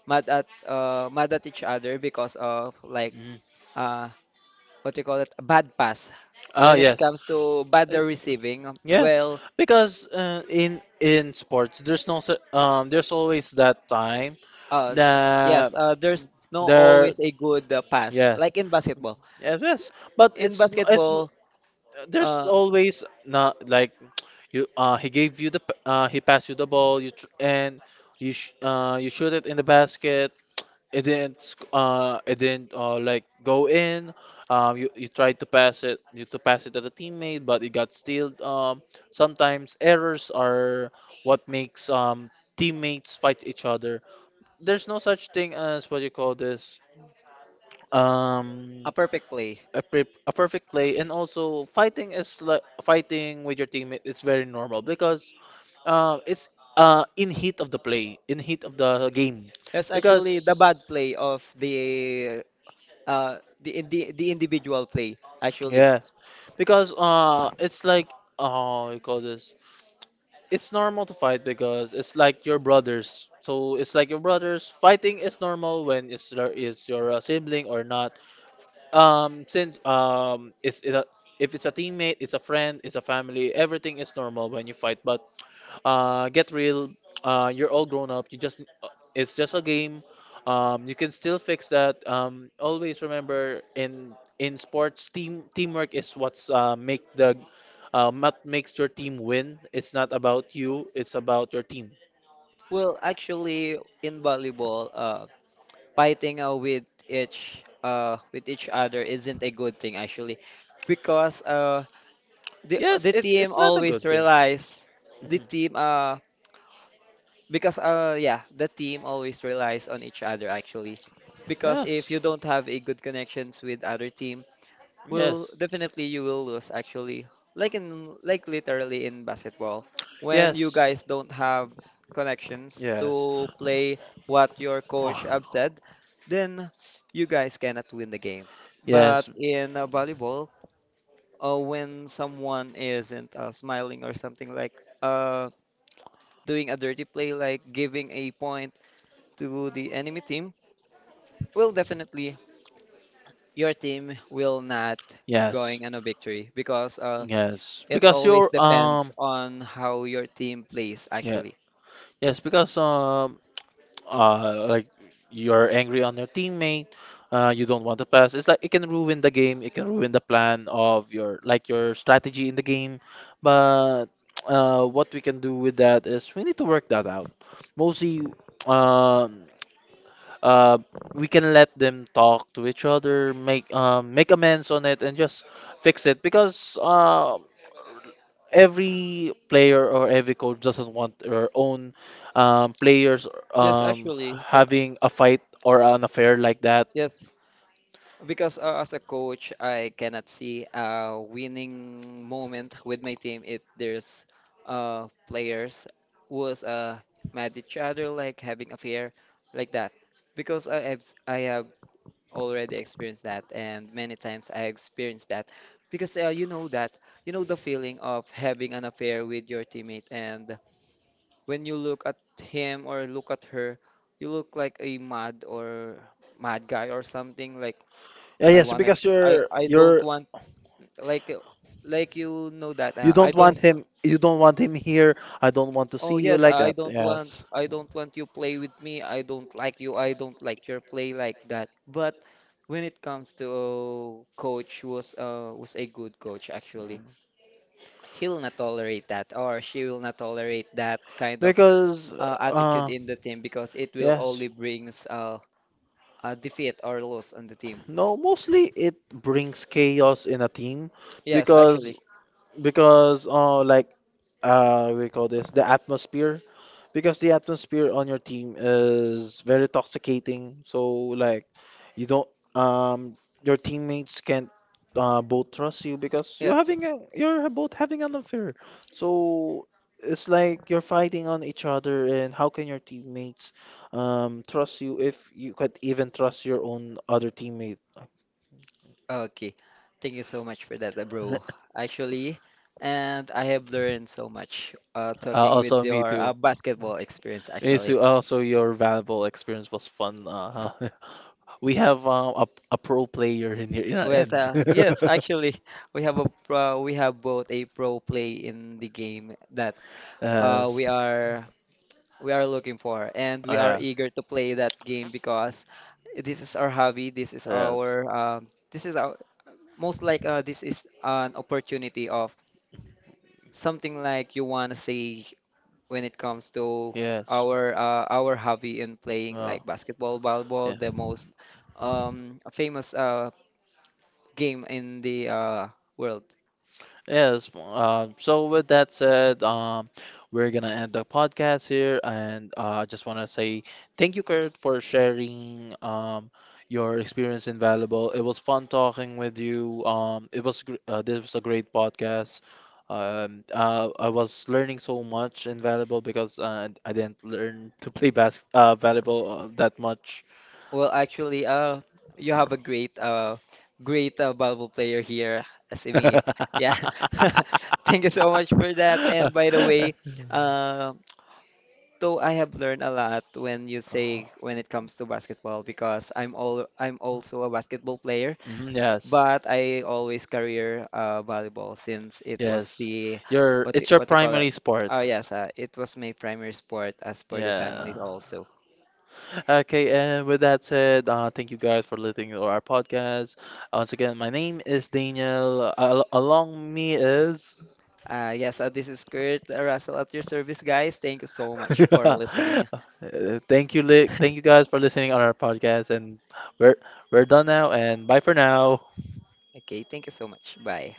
mad at uh, mad at each other because of like
Hmm.
uh, what do you call it, a bad pass
Ah,
when it
yes.
comes to bad
Uh,
receiving.
Yes,
Well,
because uh, in in sports, there's no cer- um, there's always that time
uh, yes,
that
uh, there's no
there,
always a good uh, pass,
yeah,
like in basketball.
yes, yes. But
In
it's n- it's
basketball,
there's
uh,
always not like you uh he gave you the p- uh he passed you the ball you tr and you sh uh you shoot it in the basket. it didn't sc- uh it didn't uh like go in. um you, you tried to pass it you to pass it at a teammate but it got stealed. Um sometimes errors are what makes um teammates fight each other. There's no such thing as what you call this, um,
a perfect play.
a, pre- a perfect play, and also fighting is like fighting with your teammate. It's very normal because uh, it's uh in heat of the play, in heat of the game.
That's
Because
actually the bad play of the uh the in- the, the individual play actually.
yeah, because uh, it's like oh, you call this. It's normal to fight because it's like your brothers. So it's like your brothers. Fighting is normal when it's your- is your uh, sibling or not. Um, since um, it's it a, if it's a teammate, it's a friend, it's a family, everything is normal when you fight. But uh, get real, uh, you're all grown up. You just uh, it's just a game. Um, you can still fix that. Um, always remember in in sports, team teamwork is what's uh, make the uh, what makes your team win. It's not about you. It's about your team.
Well, actually in volleyball, uh, fighting uh, with each uh with each other isn't a good thing actually, because uh the
Yes,
the
it,
team
it's not a good
always
thing.
relies the
Mhm.
team uh because uh yeah the team always relies on each other actually because if
Yes,
you don't have a good connections with other team will
yes,
definitely you will lose actually like in like literally in basketball when you guys
yes.
don't have connections
Yes.
to play what your coach have
Oh,
said then you guys cannot win the game but
yes.
in uh, volleyball uh, when someone isn't uh, smiling or something like uh, doing a dirty play, like giving a point to the enemy team, well, definitely your team will not
Yes.
going on a victory because uh,
Yes.
it
Because
always
you're
depends
um
on how your team plays,
yeah.
actually.
Yes, because um uh like you're angry on your teammate, uh you don't want to pass. It's like it can ruin the game, it can ruin the plan of your like your strategy in the game. But uh what we can do with that is we need to work that out. Mostly um uh, we can let them talk to each other, make um, make amends on it, and just fix it because uh, every player or every coach doesn't want their own um, players
Yes,
um,
actually, the,
having a fight or an affair like that.
yes, because uh, as a coach, I cannot see a winning moment with my team if there's uh, players was uh, mad each other, like having affair, like that. Because I have s- I have already experienced that, and many times I experienced that. Because uh, you know that you know the feeling of having an affair with your teammate, and when you look at him or look at her, you look like a mad or mad guy or something like
Yeah,
I
yes,
wanna
because
I
you're
I don't
you're
want like uh, like you know that
you
uh, I
don't want
don't wa-
him. You don't want him here. I don't want to
oh
see you
yes
like
I
that.
don't want
Yes,
I don't want you play with me I don't like you I don't like your play like that but when it comes to oh, coach was uh was a good coach actually he'll not tolerate that or she will not tolerate that kind of
because
uh, attitude
uh,
in the team because it will
yes.
only brings uh a defeat or loss on the team
No, mostly it brings chaos in a team
yes
because
actually
because uh like uh we call this the atmosphere because the atmosphere on your team is very toxicating. So like you don't um your teammates can't uh both trust you because you're
yes.
having a, you're both having an affair. So it's like you're fighting on each other and how can your teammates um trust you if you could even trust your own other teammate?
Okay, thank you so much for that, uh, bro. Actually, and I have learned so much uh,
Uh,
talking with
also, me
your
too.
uh, basketball experience,
Me
actually.
too. Also, your valuable experience was fun. Uh, we have um, a a pro player in here in our
With
ends.
uh, yes, actually, we have a pro, we have both a pro play in the game that uh,
Yes.
we are we are looking for, and
Oh
we are
yeah.
eager to play that game because this is our hobby. This is our
Yes.
um, this is our most like uh, this is an opportunity of something like you want to say when it comes to
Yes.
our uh, our hobby in playing
Oh
like basketball,
yeah.
volleyball, the most um, famous uh, game in the uh, world?
Yes. Uh, so with that said, um, we're gonna end the podcast here, and uh, I just wanna say thank you, Kurt, for sharing um your experience in Valuable. It was fun talking with you. Um, it was gr- uh, this was a great podcast. Um, uh, I was learning so much in Valuable because uh, I didn't learn to play bas uh, Valuable uh, that much.
Well, actually, uh, you have a great uh, great uh, volleyball player here, as in me. Yeah, thank you so much for that. And by the way, uh, though I have learned a lot when you say
Oh.
when it comes to basketball because I'm all I'm also a basketball player.
Mhm, yes.
But I always career uh, volleyball since it was
Yes.
the
Your
what
it's
do-
your
what do you call it?
primary sport.
Oh yes, uh, it was my primary sport as per the family
Yeah.
also.
Okay, and with that said, uh, thank you guys for listening to our podcast. Uh, Once again, my name is Daniel. Uh, Al- along me is.
Uh, yes, uh, this is Kurt uh, Russell at your service, guys. Thank you so much for listening.
Uh, Thank you, li- thank you guys for listening on our podcast, and we're we're done now. And bye for now.
Okay, thank you so much. Bye.